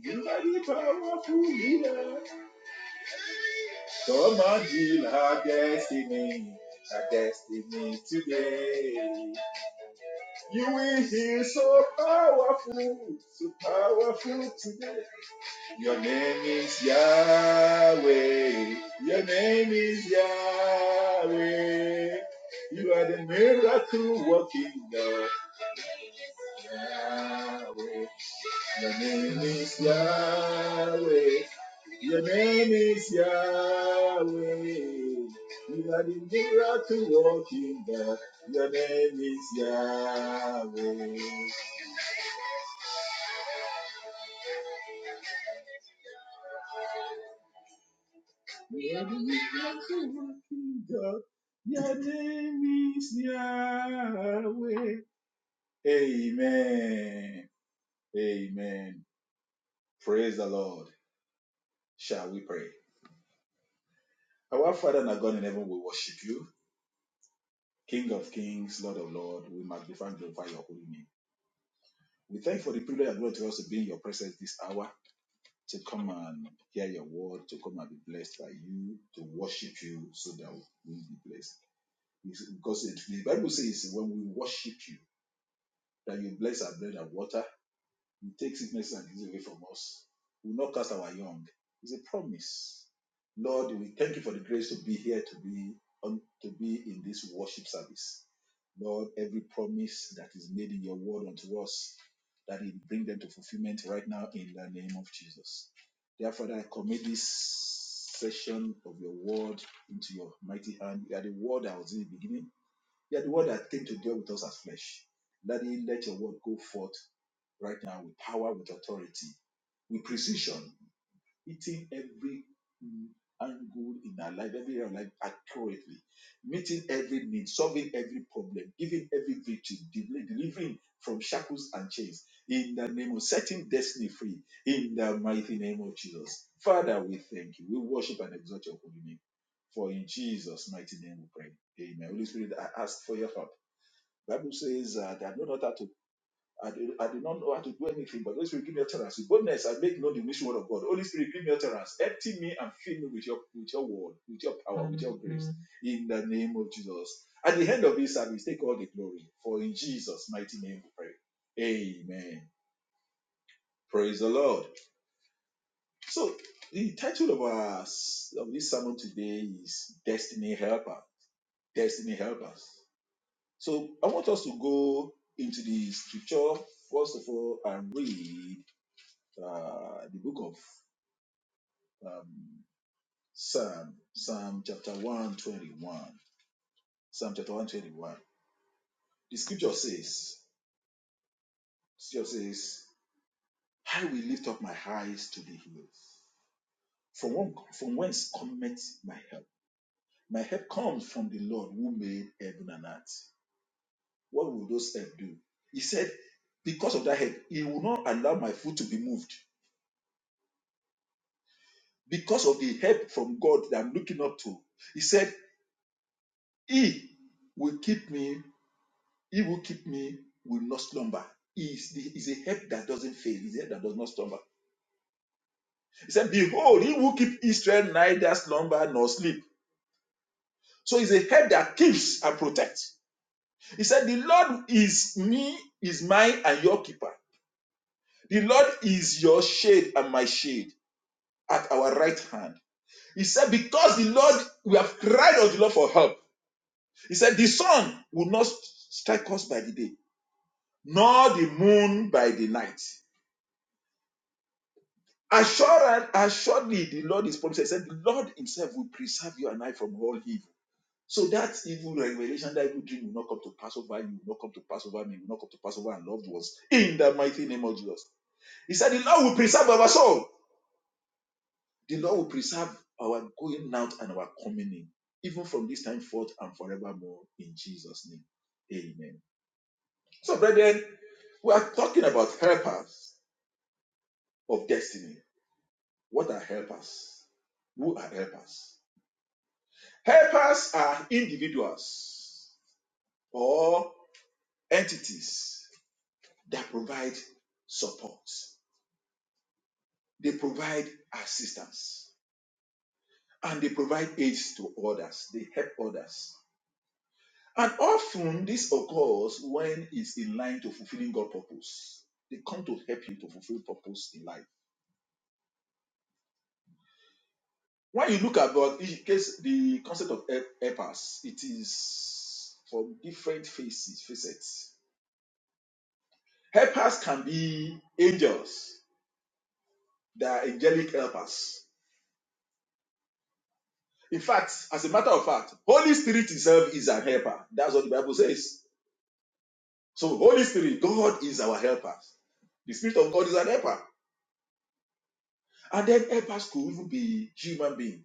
[SPEAKER 3] You are the powerful leader. Come on, heal our destiny, our destiny today. You will heal so powerful, so powerful today. Your name is Yahweh. Your name is Yahweh. You are the miracle working Yahweh. Your name is Yahweh. Your name is Yahweh. You are the miracle working God. Your name is Yahweh. You are the miracle working God. Your name is Yahweh. Amen. Amen. Praise the Lord. Shall we pray? Our Father and our God in heaven, we worship you. King of kings, Lord of lords, we magnify and glorify your holy name. We thank you for the privilege and glory to us to be in your presence this hour. to come and hear your word, to come and be blessed by you, to worship you so that we be blessed. It's- because it, the Bible says when we worship you, that you bless our bread and water, you take sickness and disease away from us. We will not cast our young. It's a promise. Lord, we thank you for the grace to be here, to be on, to be in this worship service. Lord, every promise that is made in your word unto us, that it bring them to fulfillment right now in the name of Jesus. Therefore, Father, I commit this session of your word into your mighty hand. You are the word that was in the beginning. You are the word that came to deal with us as flesh. Daddy, let your word go forth right now with power, with authority, with precision hitting every mm, angle in our life, every area of life accurately, meeting every need, solving every problem, giving every victory, deli- delivering from shackles and chains in the name of setting destiny free in the mighty name of Jesus. Father, we thank you. We worship and exalt your holy name. For in Jesus' mighty name we pray. Amen. Holy Spirit, I ask for your help. Bible says uh, that no not how to I did, I did not know how to do anything, but Holy Spirit, give me utterance. With boldness, I make known the mission word of God. Holy Spirit, give me utterance. Empty me and fill me with your with your word, with your power, with your grace. In the name of Jesus. At the end of this service, take all the glory. For in Jesus' mighty name we pray. Amen. Praise the Lord. So the title of our of this sermon today is Destiny Helper. Destiny Helpers. So I want us to go into the scripture first of all and read. uh, the book of um, Psalm, Psalm chapter 121. Psalm chapter 121. The scripture says, the scripture says, I will lift up my eyes to the hills. From, one, from whence cometh my help? My help comes from the Lord who made heaven and earth. What will those help do? He said, because of that help, he will not allow my foot to be moved. Because of the help from God that I'm looking up to, he said, He will keep me He will keep me will not slumber. He is, the, is a help that doesn't fail. He's a help that does not slumber. He said, Behold, he will keep Israel neither slumber nor sleep. So he's a help that keeps and protects. He said, The Lord is me, is mine and your keeper. The Lord is your shade and my shade at our right hand. He said, Because the Lord, we have cried unto the Lord for help. He said, The sun will not strike us by the day, nor the moon by the night. Assured, assuredly, the Lord is promised. He said, The Lord Himself will preserve you and I from all evil. So that evil revelation, that evil dream will not come to pass over you, will not come to pass over me, will not come to pass over our loved ones. In the mighty name of Jesus. He said, The Lord will preserve our soul. The Lord will preserve our going out and our coming in, even from this time forth and forevermore. In Jesus' name. Amen. So, brethren, we are talking about helpers of destiny. What are helpers? Who are helpers? Helpers are individuals or entities that provide support. They provide assistance and they provide aids to others. They help others. And often this occurs when it's in line to fulfilling God's purpose. They come to help you to fulfill purpose in life. When you look about in case the concept of help- helpers, it is from different faces, facets. Helpers can be angels, They are angelic helpers. In fact, as a matter of fact, Holy Spirit itself is an helper. That's what the Bible says. So Holy Spirit, God is our helper. The Spirit of God is an helper. And then helpers could even be human being,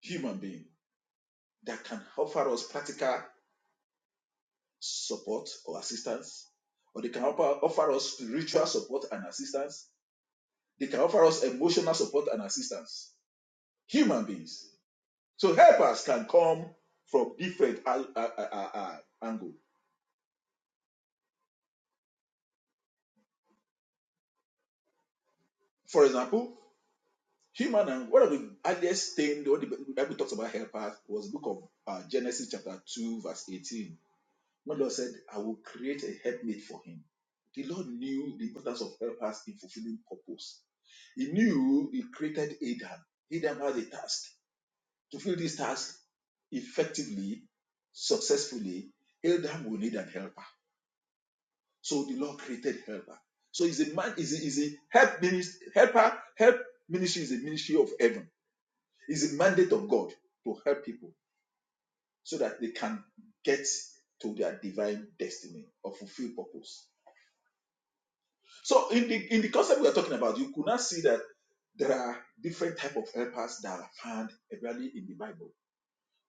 [SPEAKER 3] human being that can offer us practical support or assistance, or they can offer, us spiritual support and assistance. They can offer us emotional support and assistance. Human beings. So helpers can come from different uh, uh, uh, uh, angles. For example, human and one of the earliest things what the Bible talks about helpers was the book of uh, Genesis chapter 2, verse 18. When the Lord said, I will create a helpmate for him. The Lord knew the importance of helpers in fulfilling purpose. He knew he created Adam. Adam had a task. To fulfill this task effectively, successfully, Adam will need an helper. So the Lord created helper. So is a man is a, is a help ministry, helper help ministry is a ministry of heaven It's a mandate of God to help people so that they can get to their divine destiny or fulfill purpose. So in the in the concept we are talking about, you could not see that there are different type of helpers that are found really in the Bible.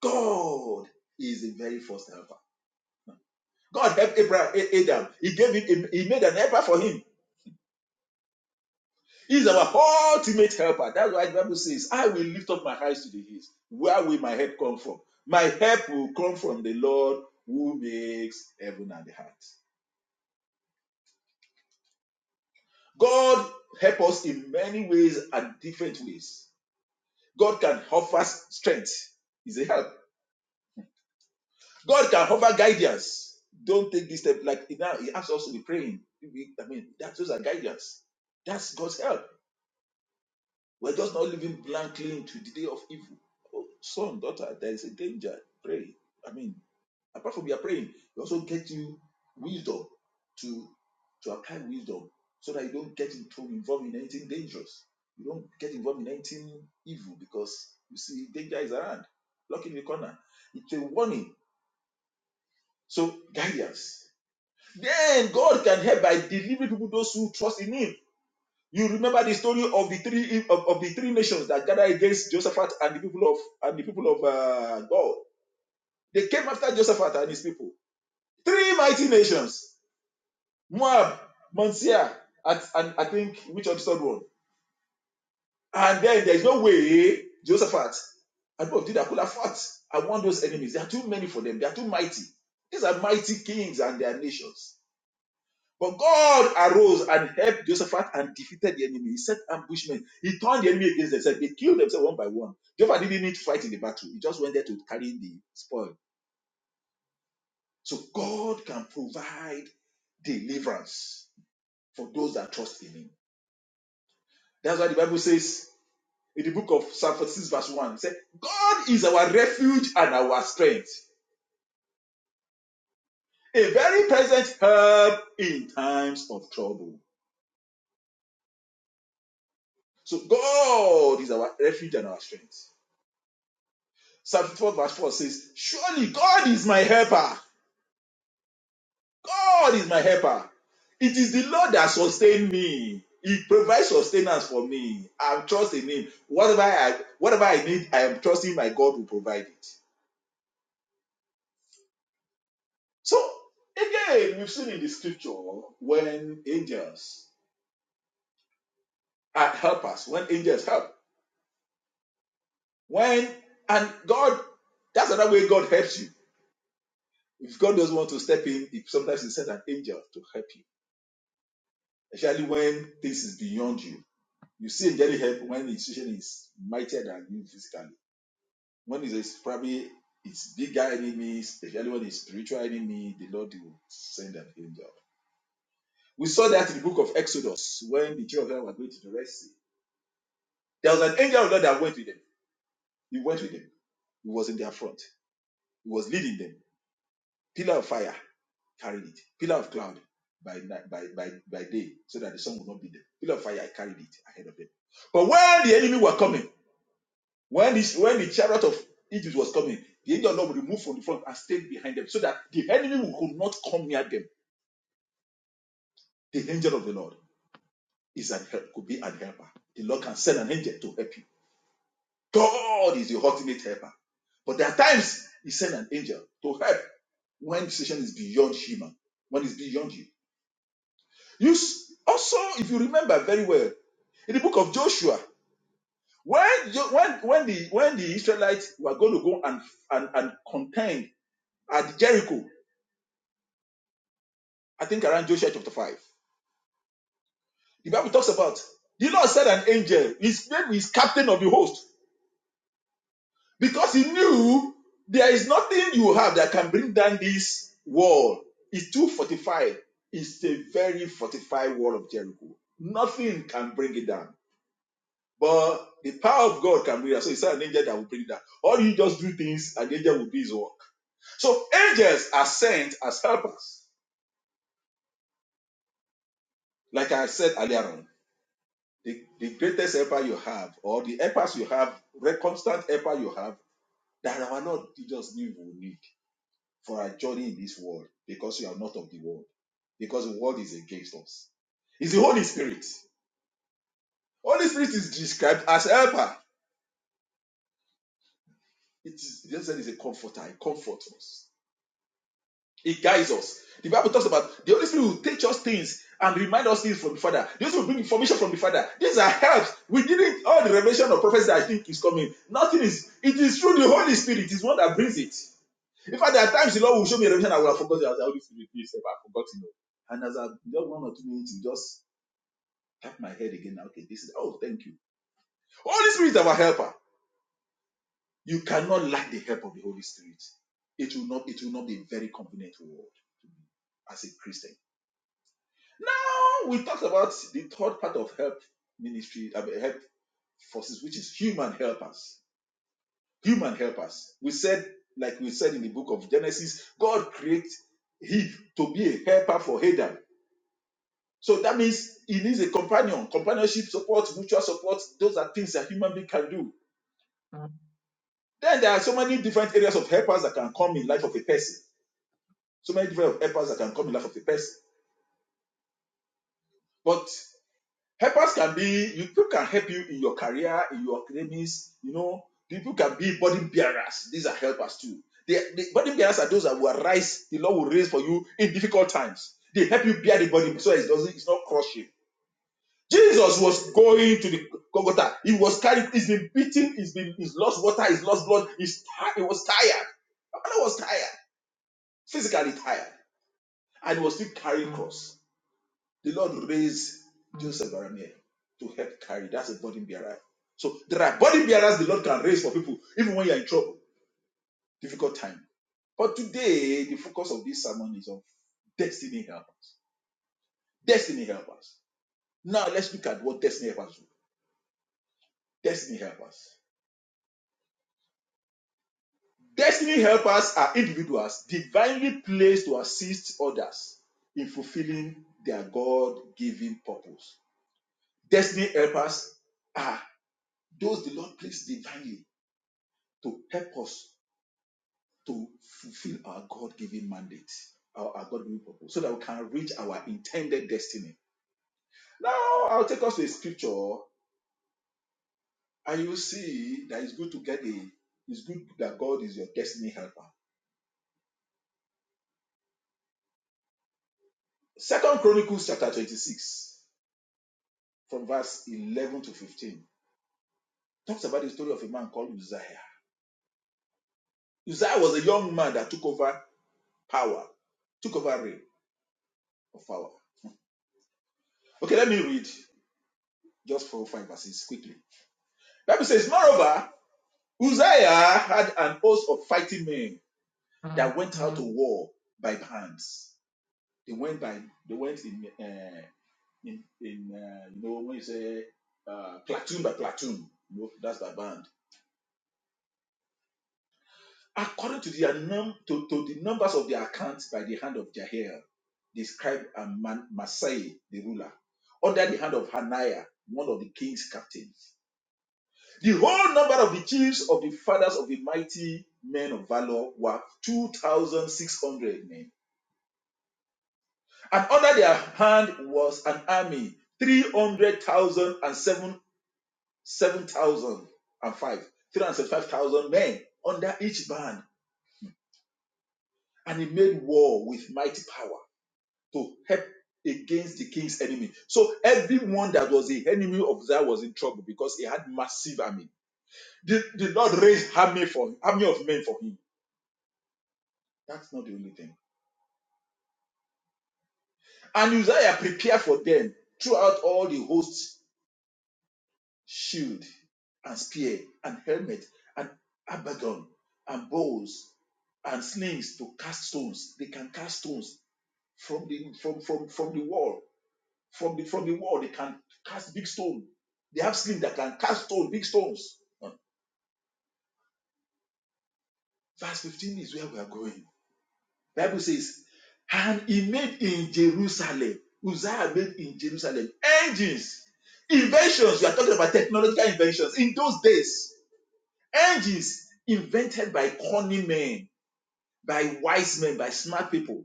[SPEAKER 3] God is the very first helper. God helped Abraham, Adam. He gave him, he made an helper for him He is our ultimate helper. That's why the Bible says, I will lift up my eyes to the hills. Where will my help come from? My help will come from the Lord who makes heaven and the earth. God helps us in many ways and different ways. God can offer strength. He's a help. God can offer guidance. Don't take this step like now. He asks us to be praying. I mean, that those are guidance. That's God's help. We're just not living blankly into the day of evil. Oh, son, daughter, there is a danger. Pray. I mean, apart from your praying, you also get you wisdom to to apply wisdom so that you don't get into involved in anything dangerous. You don't get involved in anything evil because you see danger is around. Lock in the corner. It's a warning. So guidance. Then God can help by delivering people those who trust in Him you remember the story of the three of, of the three nations that gathered against Josephat and the people of and the people of uh, God. They came after Josephat and his people. Three mighty nations: Moab, Mount Seir, at, and I think which of the third one. And then there is no way Josephat and both of Judah could have fought. I want those enemies. They are too many for them. They are too mighty. These are mighty kings and their nations. But God arose and helped Jehoshaphat and defeated the enemy. He set ambushmen. He turned the enemy against themselves. They killed themselves one by one. Jehovah didn't need to fight in the battle. He just went there to carry the spoil. So God can provide deliverance for those that trust in Him. That's why the Bible says in the book of Psalm 46 verse 1, it said, God is our refuge and our strength, a very present help in times of trouble. So God is our refuge and our strength. Psalm 54 verse 4 says, Surely God is my helper. God is my helper. It is the Lord that sustains me. He provides sustenance for me. I'm trusting Him. Whatever I whatever I need, I am trusting my God will provide it. So again, we've seen in the scripture when angels are helpers, when angels help. When and God, that's another way God helps you. If God doesn't want to step in, he sometimes he sends an angel to help you, especially when things is beyond you You see angelic help when the institution is mightier than you physically. When it's it's probably its bigger enemies, especially when it's spiritual enemy, the Lord will send an angel. We saw that in the book of Exodus when the children of Israel were going to the Red Sea. There was an angel of God that went with them. He went with them. He was in their front. He was leading them. Pillar of fire carried it. Pillar of cloud by by, by, by day, so that the sun would not be there. Pillar of fire carried it ahead of them. But when the enemy were coming, When this, when the chariot of Egypt was coming, the angel of the Lord removed from the front and stayed behind them, so that the enemy could not come near them. The angel of the Lord is an help, could be an helper. The Lord can send an angel to help you. God is your ultimate helper. But there are times He sends an angel to help when the situation is beyond human, when it's beyond you. You s- also, if you remember very well, in the book of Joshua, when Jo- when when the when the Israelites were going to go and and, and contend at Jericho, I think around Joshua chapter 5. The Bible talks about the Lord said an angel, his name is captain of the host, because he knew there is nothing you have that can bring down this wall. It's too fortified. It's a very fortified wall of Jericho. Nothing can bring it down. But the power of God can bring it down. So it's not an angel that will bring it down. Or you just do things and the angel will do his work. So angels are sent as helpers, like I said earlier on. the, the greatest helper you have, or the helpers you have, the constant helper you have, that are not just knew you need for our journey in this world, because you are not of the world, because the world is against us. It's the Holy Spirit. Holy Spirit is described as helper. It is, Jesus said, is a comforter, it comforts us. It guides us. The Bible talks about the Holy Spirit will teach us things and remind us things from the Father. The Holy Spirit will bring information from the Father. These are helps. We didn't all the revelation of prophecy that I think is coming. Nothing is. It is through the Holy Spirit. It is one that brings it. In fact, there are times the Lord will show me a revelation I will have forgotten. I will say, Holy Spirit, please, help, I've forgotten. it. And as I've done one or two minutes, you just tap my head again. Okay, this is. Oh, thank you. Holy Spirit is our helper. You cannot lack the help of the Holy Spirit. It will not. It will not be a very convenient word as a Christian Now we talked about the third part of help ministry, I help forces, which is human helpers. Human helpers. We said, like we said in the book of Genesis, God created Eve to be a helper for Adam. So that means he needs a companion, companionship support, mutual support. Those are things that human being can do. Then there are so many different areas of helpers that can come in life of a person. So many different helpers that can come in life of a person. But Helpers can be you people can help you in your career, in your academics, you know. People can be burden bearers. These are helpers too. They, the burden bearers are those that will rise, the Lord will raise for you in difficult times. They help you bear the burden so it doesn't it's not crushing. Jesus was going to the Golgotha. He was carried, he's been beaten, he's been he's lost water, he's lost blood, he's tired, he was tired. Abana was tired, physically tired, and he was still carrying cross. The Lord raised Joseph Baramiel to help carry. That's a burden bearer. So there are burden bearers the Lord can raise for people, even when you're in trouble, difficult time. But today, the focus of this sermon is on destiny helpers. Destiny helpers. Now let's look at what destiny helpers do. Destiny helpers. Destiny helpers are individuals divinely placed to assist others in fulfilling their God-given purpose. Destiny helpers are those the Lord placed divinely to help us to fulfill our God given mandate, our, our God given purpose, so that we can reach our intended destiny. Now, I'll take us to a scripture, and you will see that it's good to get a, it's good that God is your destiny helper. Second Chronicles chapter 26, from verse 11 to 15, talks about the story of a man called Uzziah. Uzziah was a young man that took over power, took over reign of power. Okay, let me read just four or five verses quickly. Bible says, Moreover, Uzziah had an host of fighting men that went out Mm-hmm. to war by bands. They went by they went in uh, in, in uh, you know when you say uh, platoon by platoon, you know, that's by band. According to the num- to, to the numbers of their accounts by the hand of Jael, the scribe and Man- Masai, the ruler, under the hand of Hananiah, one of the king's captains. The whole number of the chiefs of the fathers of the mighty men of valor were 2,600 men. And under their hand was an army, 300,000 7,005, 375,000 men under each band. And he made war with mighty power to help against the king's enemy. So everyone that was the enemy of Zion was in trouble because he had massive army. The, the Lord raised army for army of men for him. That's not the only thing. And Uzziah prepared for them throughout all the host shield and spear and helmet and abaddon and bows and slings to cast stones. They can cast stones from the from from from the wall. From the from the wall, they can cast big stone. They have slings that can cast stone, big stones. Verse 15 is where we are going. Bible says, and he made in Jerusalem, Uzziah made in Jerusalem engines, inventions. We are talking about technological inventions. In those days, engines invented by cunning men, by wise men, by smart people.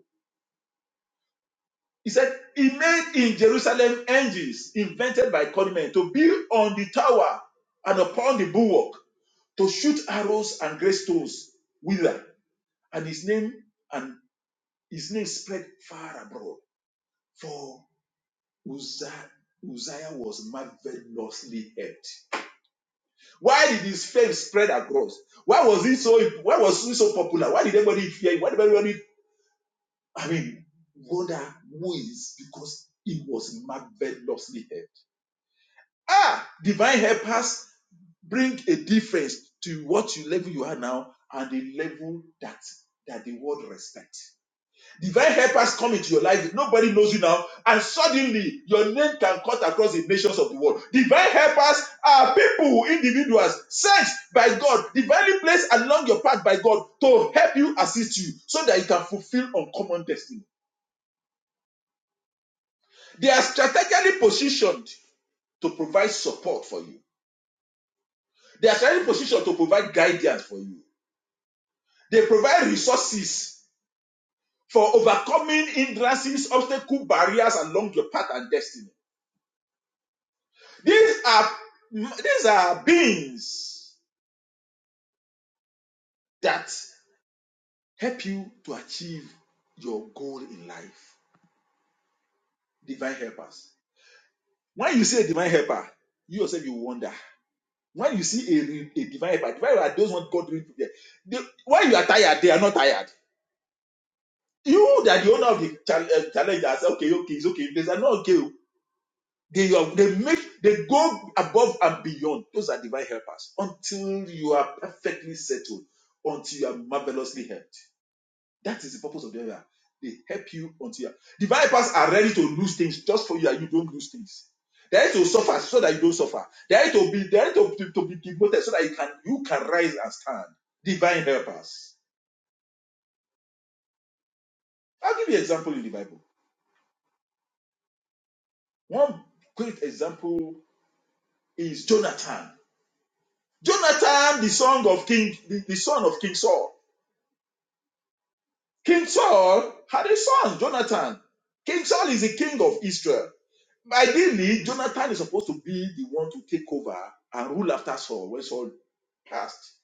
[SPEAKER 3] He said, He made in Jerusalem engines invented by cunning men to build on the tower and upon the bulwark, to shoot arrows and great stones whither. And his name and his name spread far abroad. for. Uzziah, Uzziah was marvelously helped. Why did his fame spread across? Why was he so why was he so popular? Why did everybody fear him? Why did everybody I mean wonder who is because he was marvelously helped. Ah, divine helpers bring a difference to what you level you are now and the level that that the world respect. Divine helpers come into your life. Nobody knows you now. And suddenly, your name can cut across the nations of the world. Divine helpers are people, individuals, sent by God, divinely placed along your path by God to help you, assist you, so that you can fulfill uncommon destiny. They are strategically positioned to provide support for you. They are strategically positioned to provide guidance for you. They provide resources for overcoming hindrances, obstacles, barriers along your path and destiny. These are these are beings that help you to achieve your goal in life. Divine helpers. When you see a divine helper, you yourself you wonder. When you see a, a divine helper, divine helper are those one God really prepare. They- When you are tired, they are not tired. You that the owner of the chal- uh, challenge that say, okay, okay, it's okay. They are not okay. oh. They are, they make they go above and beyond. Those are divine helpers until you are perfectly settled, until you are marvelously helped. That is the purpose of the area. They help you until you The bypass are ready to lose things just for you that you don't lose things. They're ready to suffer so that you don't suffer. They're ready to be they're ready to, to, to be demoted so that you can you can rise and stand. Divine helpers. I'll give you an example in the Bible. One great example is Jonathan. Jonathan, the son of King, the, the son of King Saul. King Saul had a son, Jonathan. King Saul is the king of Israel. Ideally, Jonathan is supposed to be the one to take over and rule after Saul when Saul passed.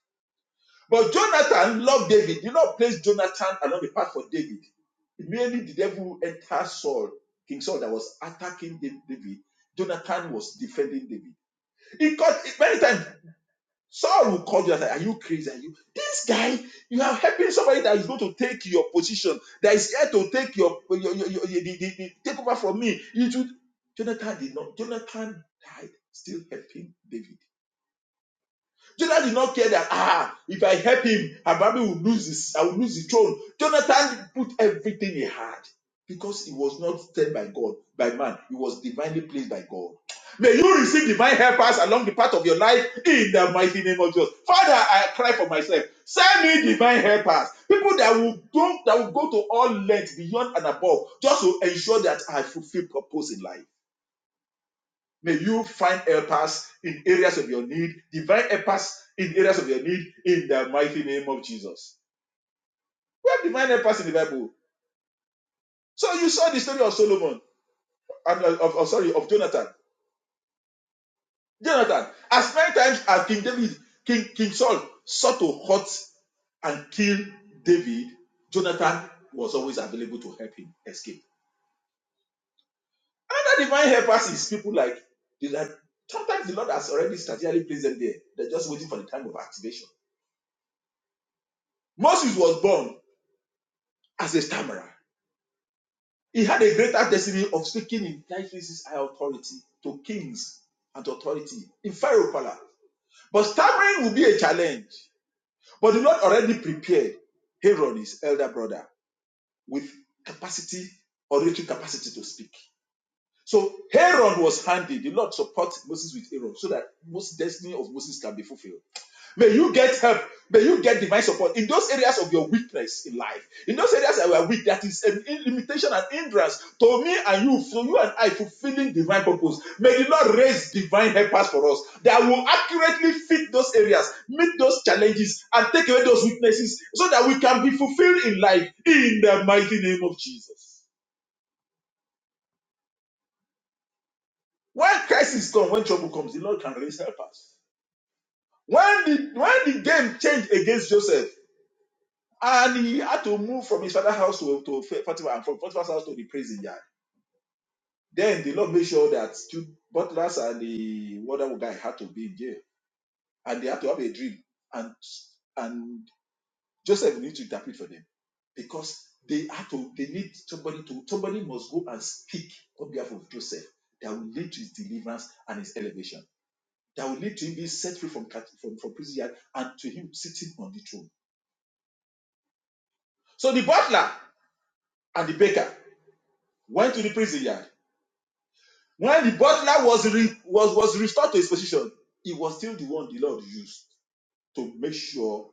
[SPEAKER 3] But Jonathan loved David. Did not place Jonathan along the path for David. Merely the devil entered Saul, King Saul, that was attacking David. Jonathan was defending David. He caught many times. Saul will call you and say, Are you crazy? Are you this guy? You are helping somebody that is going to take your position, that is here to take your, your, your, your, your- the, the, the- take over from me. You should. Jonathan did not. Jonathan died still helping David. Jonathan did not care that ah, if I help him, Abraham will lose his, I will lose the throne. Jonathan put everything he had because he was not sent by God, by man. He was divinely placed by God. May you receive divine helpers along the path of your life in the mighty name of Jesus. Father, I cry for myself. Send me divine helpers, people that will go, that will go to all lengths beyond and above, just to ensure that I fulfill purpose in life. May you find helpers in areas of your need, divine helpers in areas of your need, in the mighty name of Jesus. We have divine helpers in the Bible. So you saw the story of Solomon, and uh, of, of- sorry, of Jonathan. Jonathan, as many times as King David, King, King Saul sought to hurt and kill David, Jonathan was always available to help him escape. Another divine helpers is people like, like sometimes the Lord has already strategically placed them there. They're just waiting for the time of activation. Moses was born. as a stammerer. He had a greater destiny of speaking in Christ's high authority to kings and authority in Pharaoh palace. But stammering will be a challenge. But the Lord already prepared Herod, his elder brother, with capacity, oratory capacity to speak. So Aaron was handy. The Lord supports Moses with Aaron so that most destiny of Moses can be fulfilled. May you get help. May you get divine support in those areas of your weakness in life. In those areas that we are weak, that is an limitation and hindrance to me and you, for you and I, fulfilling divine purpose. May the Lord raise divine helpers for us that will accurately fit those areas, meet those challenges, and take away those weaknesses so that we can be fulfilled in life in the mighty name of Jesus. When crisis comes, when trouble comes, the Lord can raise helpers. When the when the game changed against Joseph, and he had to move from his father's house to, to Potiphar, and from Potiphar's house to the prison yard, then the Lord made sure that two butlers and the other guy had to be in jail, and they had to have a dream, and and Joseph needs to interpret for them because they had to they need somebody to somebody must go and speak on behalf of Joseph that will lead to his deliverance and his elevation. that will lead to him being set free from, cat- from, from prison yard and to him sitting on the throne. So the butler and the baker went to the prison yard. When the butler was, re- was, was restored to his position, he was still the one the Lord used to make sure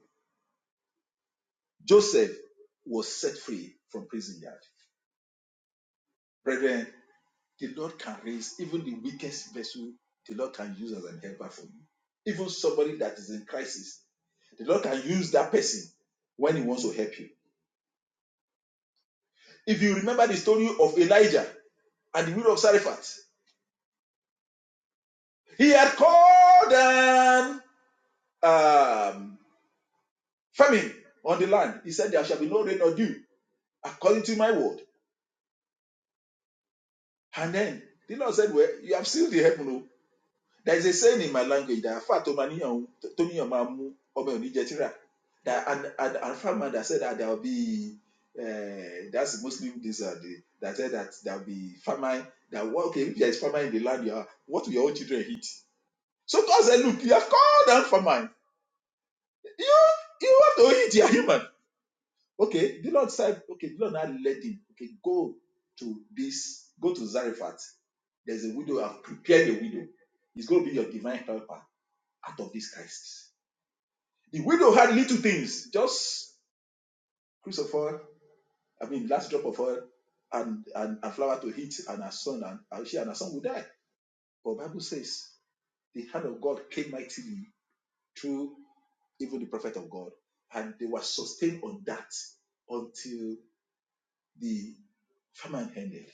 [SPEAKER 3] Joseph was set free from prison yard. Brethren, the Lord can raise even the weakest vessel, the Lord can use as an helper for you. Even somebody that is in crisis, the Lord can use that person when he wants to help you. If you remember the story of Elijah, and the wheel of sacrifice. He had called them um, famine on the land. He said, There shall be no rain or dew, according to my word. And then the Lord said, Well, you have sealed the heaven. o." There is a saying in my language that "Afa to ma níyàn o, That and and, and farmer that said that there will be uh, that's Muslim this uh, the, that said that there will be famine. That well, okay, if there is famine in the land, you are, what will your own children eat? So God said, Look, you have called them famine You you have to eat. You are human. Okay. The Lord said, okay, the Lord now led him. Okay, go to this, go to Zarephath. There's a widow. I've prepared a widow. It's going to be your divine helper out of this crisis. The widow had little things, just cruise of oil, I mean, last drop of oil, and, and a flower to eat, and her son, and and she and her son would die. But the Bible says the hand of God came mightily through even the prophet of God, and they were sustained on that until the famine ended.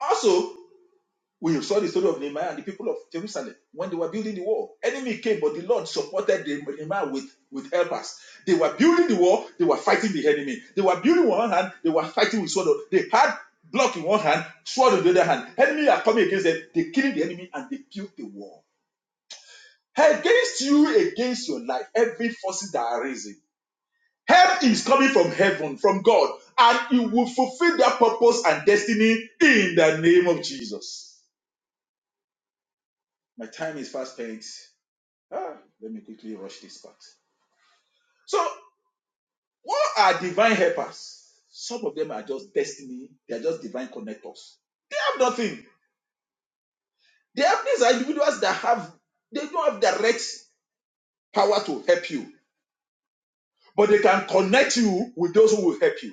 [SPEAKER 3] Also, we saw the story of Nehemiah and the people of Jerusalem when they were building the wall. Enemy came, but the Lord supported the- Nehemiah with, with helpers. They were building the wall, they were fighting the enemy. They were building with one hand, they were fighting with sword. They had block in one hand, sword in the other hand. Enemy are coming against them, they killing the enemy and they built the wall. Against you, against your life, every forces that are rising. Help is coming from heaven, from God, and it will fulfill their purpose and destiny in the name of Jesus. My time is fast spent. Ah, let me quickly rush this part. So, what are divine helpers? Some of them are just destiny, they are just divine connectors. They have nothing. They have these individuals that have, they don't have direct power to help you, but they can connect you with those who will help you.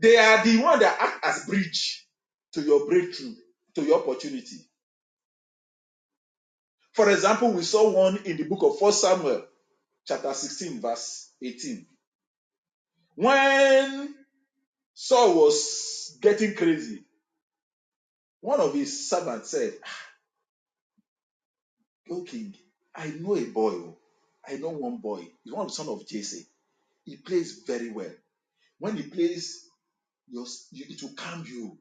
[SPEAKER 3] They are the one that act as bridge to your breakthrough, to your opportunity For example, we saw one in the book of 1 Samuel, chapter 16, verse 18. When Saul was getting crazy, one of his servants said, "O king, I know a boy. oh. I know one boy. He's one of the son of Jesse. He plays very well. When he plays, it will calm you.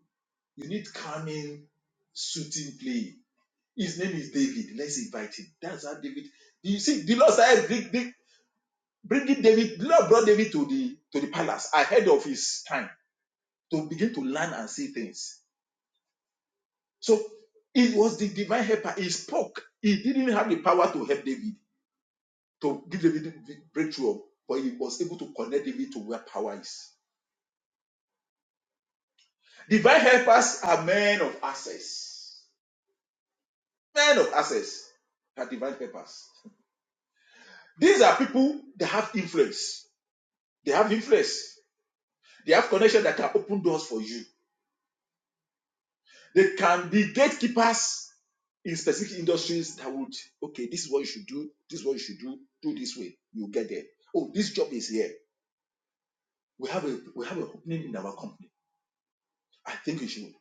[SPEAKER 3] You need calming, soothing play. His name is David. Let's invite him. That's how David. You see, the Lord started bringing David, the Lord brought David to the to the palace ahead of his time to begin to learn and see things. So it was the divine helper. He spoke. He didn't have the power to help David to give David breakthrough, but he was able to connect David to where power is. Divine helpers are men of access. Men of access are divine helpers. These are people that have influence. They have influence. They have connection that can open doors for you. They can be gatekeepers in specific industries that would okay this is what you should do this is what you should do do this way you get there oh this job is here we have a we have an opening in our company i think you should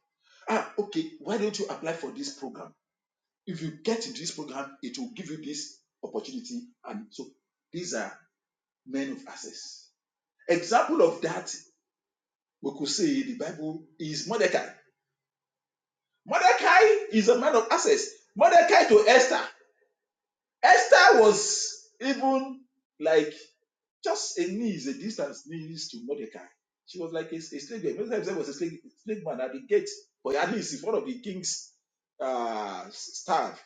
[SPEAKER 3] ah okay why don't you apply for this program if you get into this program it will give you this opportunity and so these are men of access example of that we could say the bible is mordecai mordecai is a man of access mordecai to esther esther was even like Just a knee is a distance knees to Mordecai. She was like a, a slave girl. Mordecai himself was a slave, slave man at the gate, but at least in front of the king's uh, staff.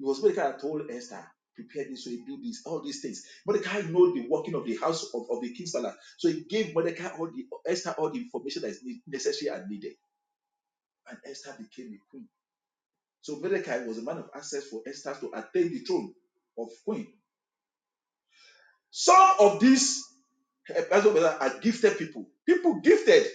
[SPEAKER 3] It was Mordecai that told Esther, prepare this way, do this, all these things. Mordecai know the working of the house of, of the king's palace. So he gave Mordecai all the Esther all the information that is ne- necessary and needed. And Esther became a queen. So Mordecai was a man of access for Esther to attain the throne of queen. Some of these eh, that's what we are are gifted people. People gifted.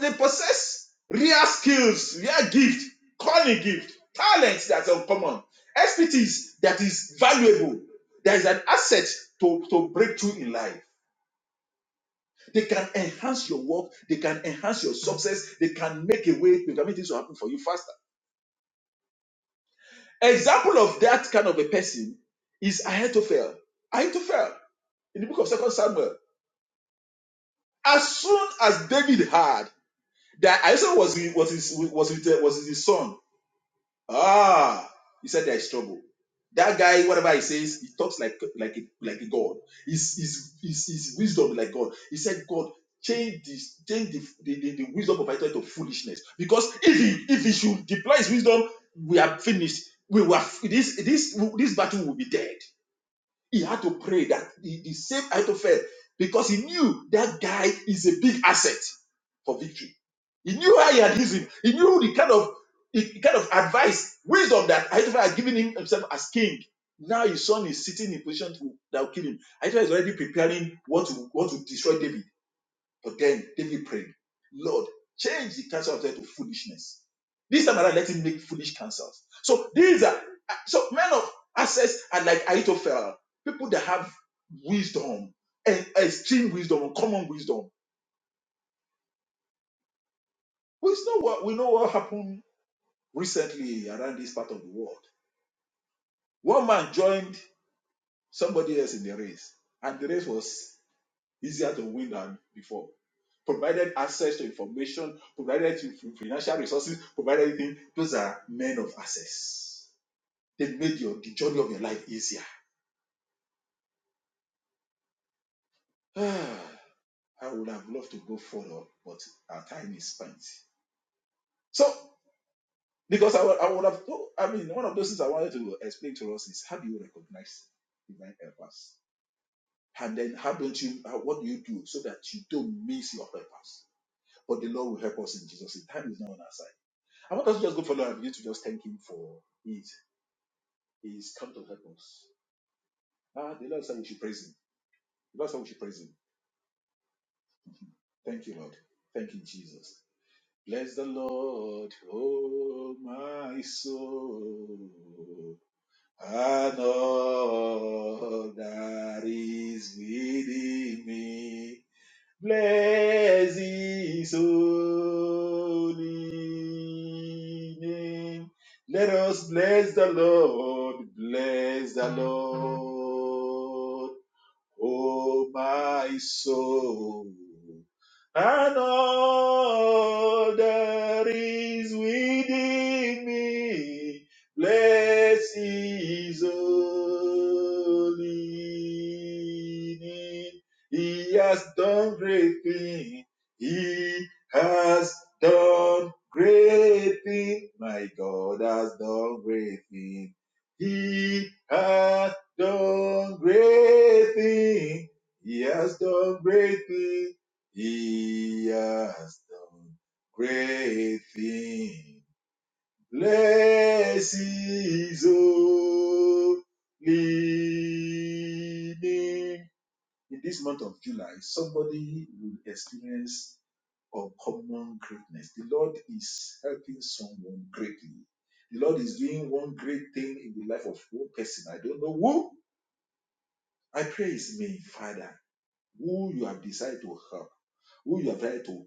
[SPEAKER 3] they possess rare skills, rare gift, calling gift, talents that are uncommon, expertise that is valuable, that is an asset to, to breakthrough in life. They can enhance your work, they can enhance your success, they can make a way, they can make things happen for you faster. Example of that kind of a person is Ahithophel. Ahithophel in the book of Second Samuel. As soon as David heard that Ahithophel was, was, his, was, his, was his son, Ah, he said there is trouble. That guy, whatever he says, he talks like like a, like a god. His, his, his, his wisdom is like God. He said, God, change this, change the, the, the, the wisdom of Israel to foolishness. Because if he if he should deploy his wisdom, we are finished. We were this this this battle will be dead. He had to pray that the, the same Ahithophel, because he knew that guy is a big asset for victory. He knew how he had used him. He knew the kind of the kind of advice, wisdom that Ahithophel had given him himself as king. Now his son is sitting in position to, that will kill him. Ahithophel is already preparing what to what to destroy David. But then David prayed, Lord, change the counsel of death to foolishness. This time around, let him make foolish counsels. So these are so men of access are like Ahithophel, people that have wisdom and extreme wisdom, common wisdom. We know what we know what happened recently around this part of the world. One man joined somebody else in the race, and the race was easier to win than before. Provided access to information, provided you financial resources, provided anything, those are men of access. They made your the journey of your life easier. [sighs] Ah, I would have loved to go further, but our time is spent. So, because I would, I would have, I mean, one of those things I wanted to explain to us is how do you recognize divine helpers? And then how don't you, how, what do you do so that you don't miss your purpose? But the Lord will help us in Jesus' name. Time is now on our side. I want us to just go follow and begin to just thank Him for it. He's come to help us. Ah, the Lord said we should praise Him. The Lord said we should praise Him. Thank you, Lord. Thank you, Jesus. Bless the Lord, oh my soul, and all that is within me. Bless his holy name. Let us bless the Lord, bless the Lord, oh my soul, and all that is within me. Bless his holy name. He has done great things. He has done great things. My God has done great things. He has done great things. He has done great things. He has done great things. Bless his holy name. In this month of July, somebody will experience uncommon greatness. The Lord is helping someone greatly. The Lord is doing one great thing in the life of one person. I don't know who. I pray is me, Father, who you have decided to help who you have tried to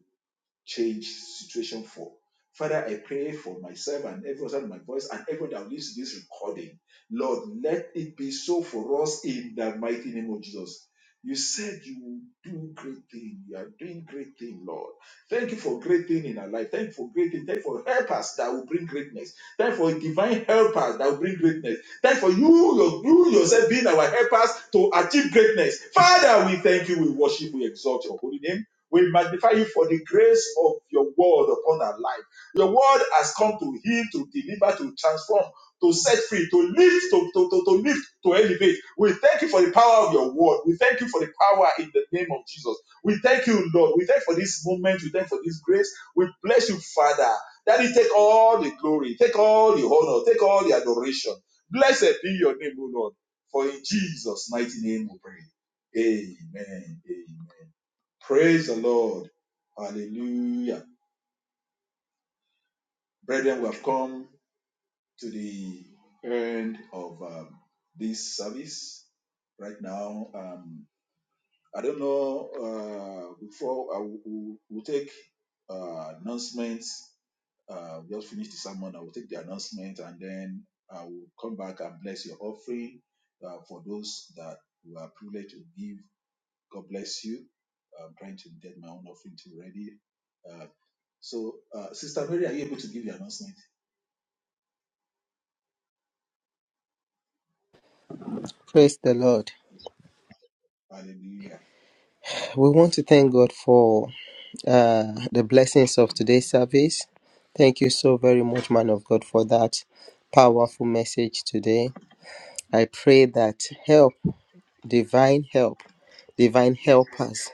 [SPEAKER 3] change situation for. Father, I pray for myself and everyone under my voice and everyone that lives to this recording. Lord, let it be so for us in the mighty name of Jesus. You said you will do great thing. You are doing great thing, Lord. Thank you for great thing in our life. Thank you for great thing. Thank you for helpers that will bring greatness. Thank you for divine helpers that will bring greatness. Thank you for you, your, you yourself being our helpers to achieve greatness. Father, we thank you. We worship. We exalt your holy name. We magnify you for the grace of your word upon our life. Your word has come to heal, to deliver, to transform, to set free, to lift, to, to, to, to lift, to elevate. We thank you for the power of your word. We thank you for the power in the name of Jesus. We thank you, Lord. We thank you for this moment. We thank you for this grace. We bless you, Father. Daddy, take all the glory, take all the honor, take all the adoration. Blessed be your name, O Lord. For in Jesus' mighty name we pray. Amen. Amen. Praise the Lord. Hallelujah. Brethren, we have come to the end of um, this service right now. Um, I don't know, uh, before I will will- will take uh, announcements, uh, we just finish the sermon. I will take the announcement and then I will come back and bless your offering uh, for those that we are privileged to give. God bless you. I'm trying to get my own offering too ready. Uh, So, uh, Sister Mary, are you able to give your announcement?
[SPEAKER 2] Praise the Lord.
[SPEAKER 3] Hallelujah.
[SPEAKER 2] We want to thank God for uh, the blessings of today's service. Thank you so very much, man of God, for that powerful message today. I pray that help, divine help, divine helpers,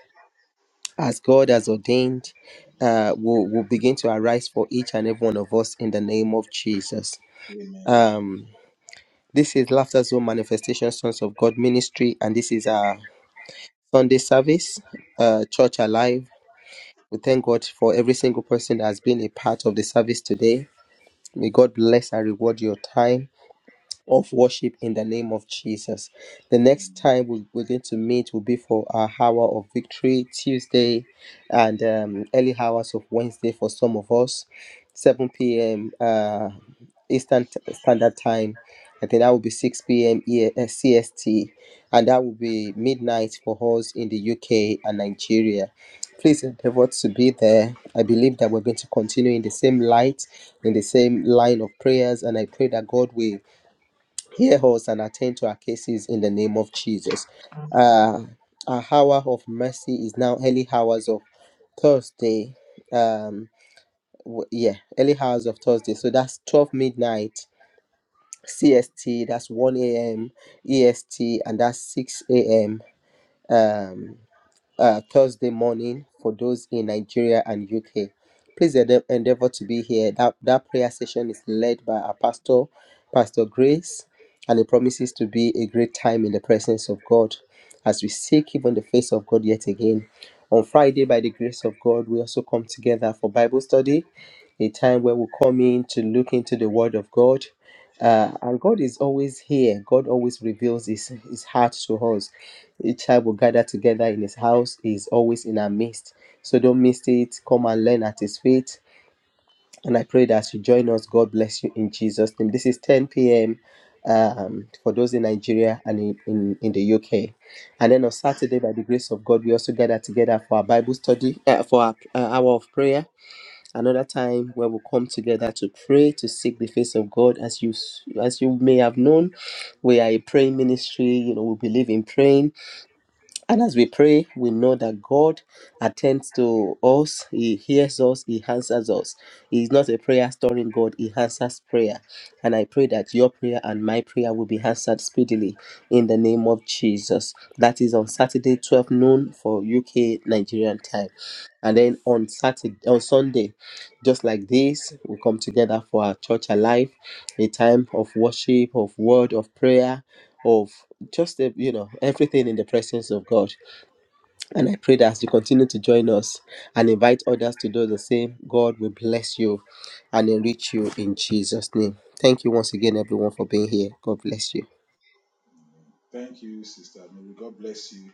[SPEAKER 2] as God has ordained, uh, will, will begin to arise for each and every one of us in the name of Jesus.
[SPEAKER 3] Amen.
[SPEAKER 2] Um, this is Laughter Zone Manifestation Sons of God Ministry, and this is our Sunday service, uh, Church Alive. We thank God for every single person that has been a part of the service today May God bless and reward your time of worship in the name of Jesus. The next time we, we're going to meet will be for our hour of victory Tuesday and um, early hours of Wednesday for some of us, 7 p.m. Uh, Eastern T- Standard Time. I think that will be 6 p.m. E- uh, CST, and that will be midnight for us in the UK and Nigeria. Please endeavor to be there. I believe that we're going to continue in the same light, in the same line of prayers, and I pray that God will Hear us and attend to our cases in the name of Jesus. Uh, our hour of mercy is now early hours of Thursday. Um, w- yeah, early hours of Thursday. So that's 12 midnight CST, that's 1 a.m. EST, and that's 6 a.m. Um uh, Thursday morning for those in Nigeria and UK. Please ende- endeavor to be here. That, that prayer session is led by our pastor, Pastor Grace, and it promises to be a great time in the presence of God as we seek even the face of God yet again. On Friday, by the grace of God, we also come together for Bible study, a time where we come in to look into the Word of God. Uh, and God is always here. God always reveals his, his heart to us. Each child will gather together in his house. He is always in our midst. So don't miss it. Come and learn at his feet. And I pray that as you join us, God bless you in Jesus' name. This is 10 p.m. Um, for those in Nigeria and in, in, in the UK. And then on Saturday, by the grace of God, we also gather together for our Bible study, uh, for our uh, hour of prayer. Another time where we'll come together to pray, to seek the face of God. As you s- as you may have known, we are a praying ministry. You know, we believe in praying and as we pray, we know that God attends to us, He hears us, He answers us. He is not a prayer storing God, He answers prayer. And I pray that your prayer and my prayer will be answered speedily in the name of Jesus. That is on Saturday, 12 noon for UK Nigerian time. And then on Saturday, on Sunday, just like this, we come together for our church alive, a time of worship, of word, of prayer of just uh, you know everything in the presence of God. And I pray that as you continue to join us and invite others to do the same, God will bless you and enrich you in Jesus' name. Thank you once again, everyone, for being here. God bless you.
[SPEAKER 3] Thank you, Sister Mary. God bless you.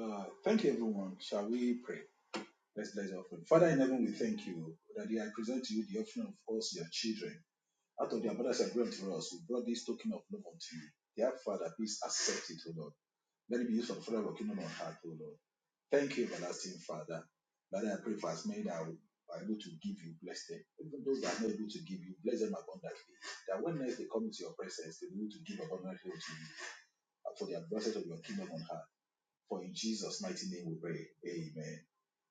[SPEAKER 3] Uh, thank you, everyone. Shall we pray? Let's bless our offering. Father in heaven, we thank you that I present to you the offering of us, your children. Out of the abundance of grant to us, we brought this token of love unto you. Dear Father, please accept it, O Lord. Let it be used for the further of your kingdom on earth, O Lord. Thank you, everlasting Father. Father, I pray for as many that are able to give you, bless them. Even those that are not able to give you, bless them abundantly. That when next they come into your presence, they will be able to give abundantly to you and for the advantage of your kingdom on earth. For in Jesus' mighty name we pray. Amen.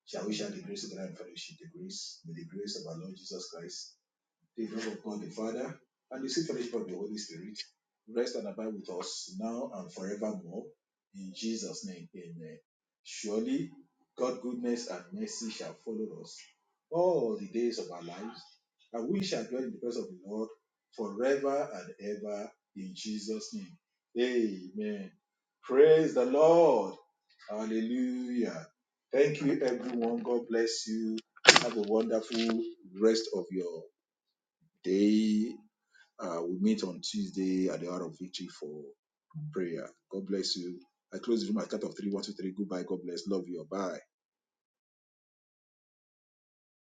[SPEAKER 3] Shall we share the grace together in fellowship? The grace, may the grace of our Lord Jesus Christ the love of God the Father, and the sweet fellowship of the Holy Spirit rest and abide with us now and forevermore. In Jesus' name, amen. Surely, God's goodness and mercy shall follow us all the days of our lives, and we shall dwell in the presence of the Lord forever and ever. In Jesus' name, amen. Praise the Lord. Hallelujah. Thank you, everyone. God bless you. Have a wonderful rest of your they uh, will meet on Tuesday at the hour of victory for prayer. God bless you. I close the room at count of three. One two three. Goodbye. God bless. Love you. Bye.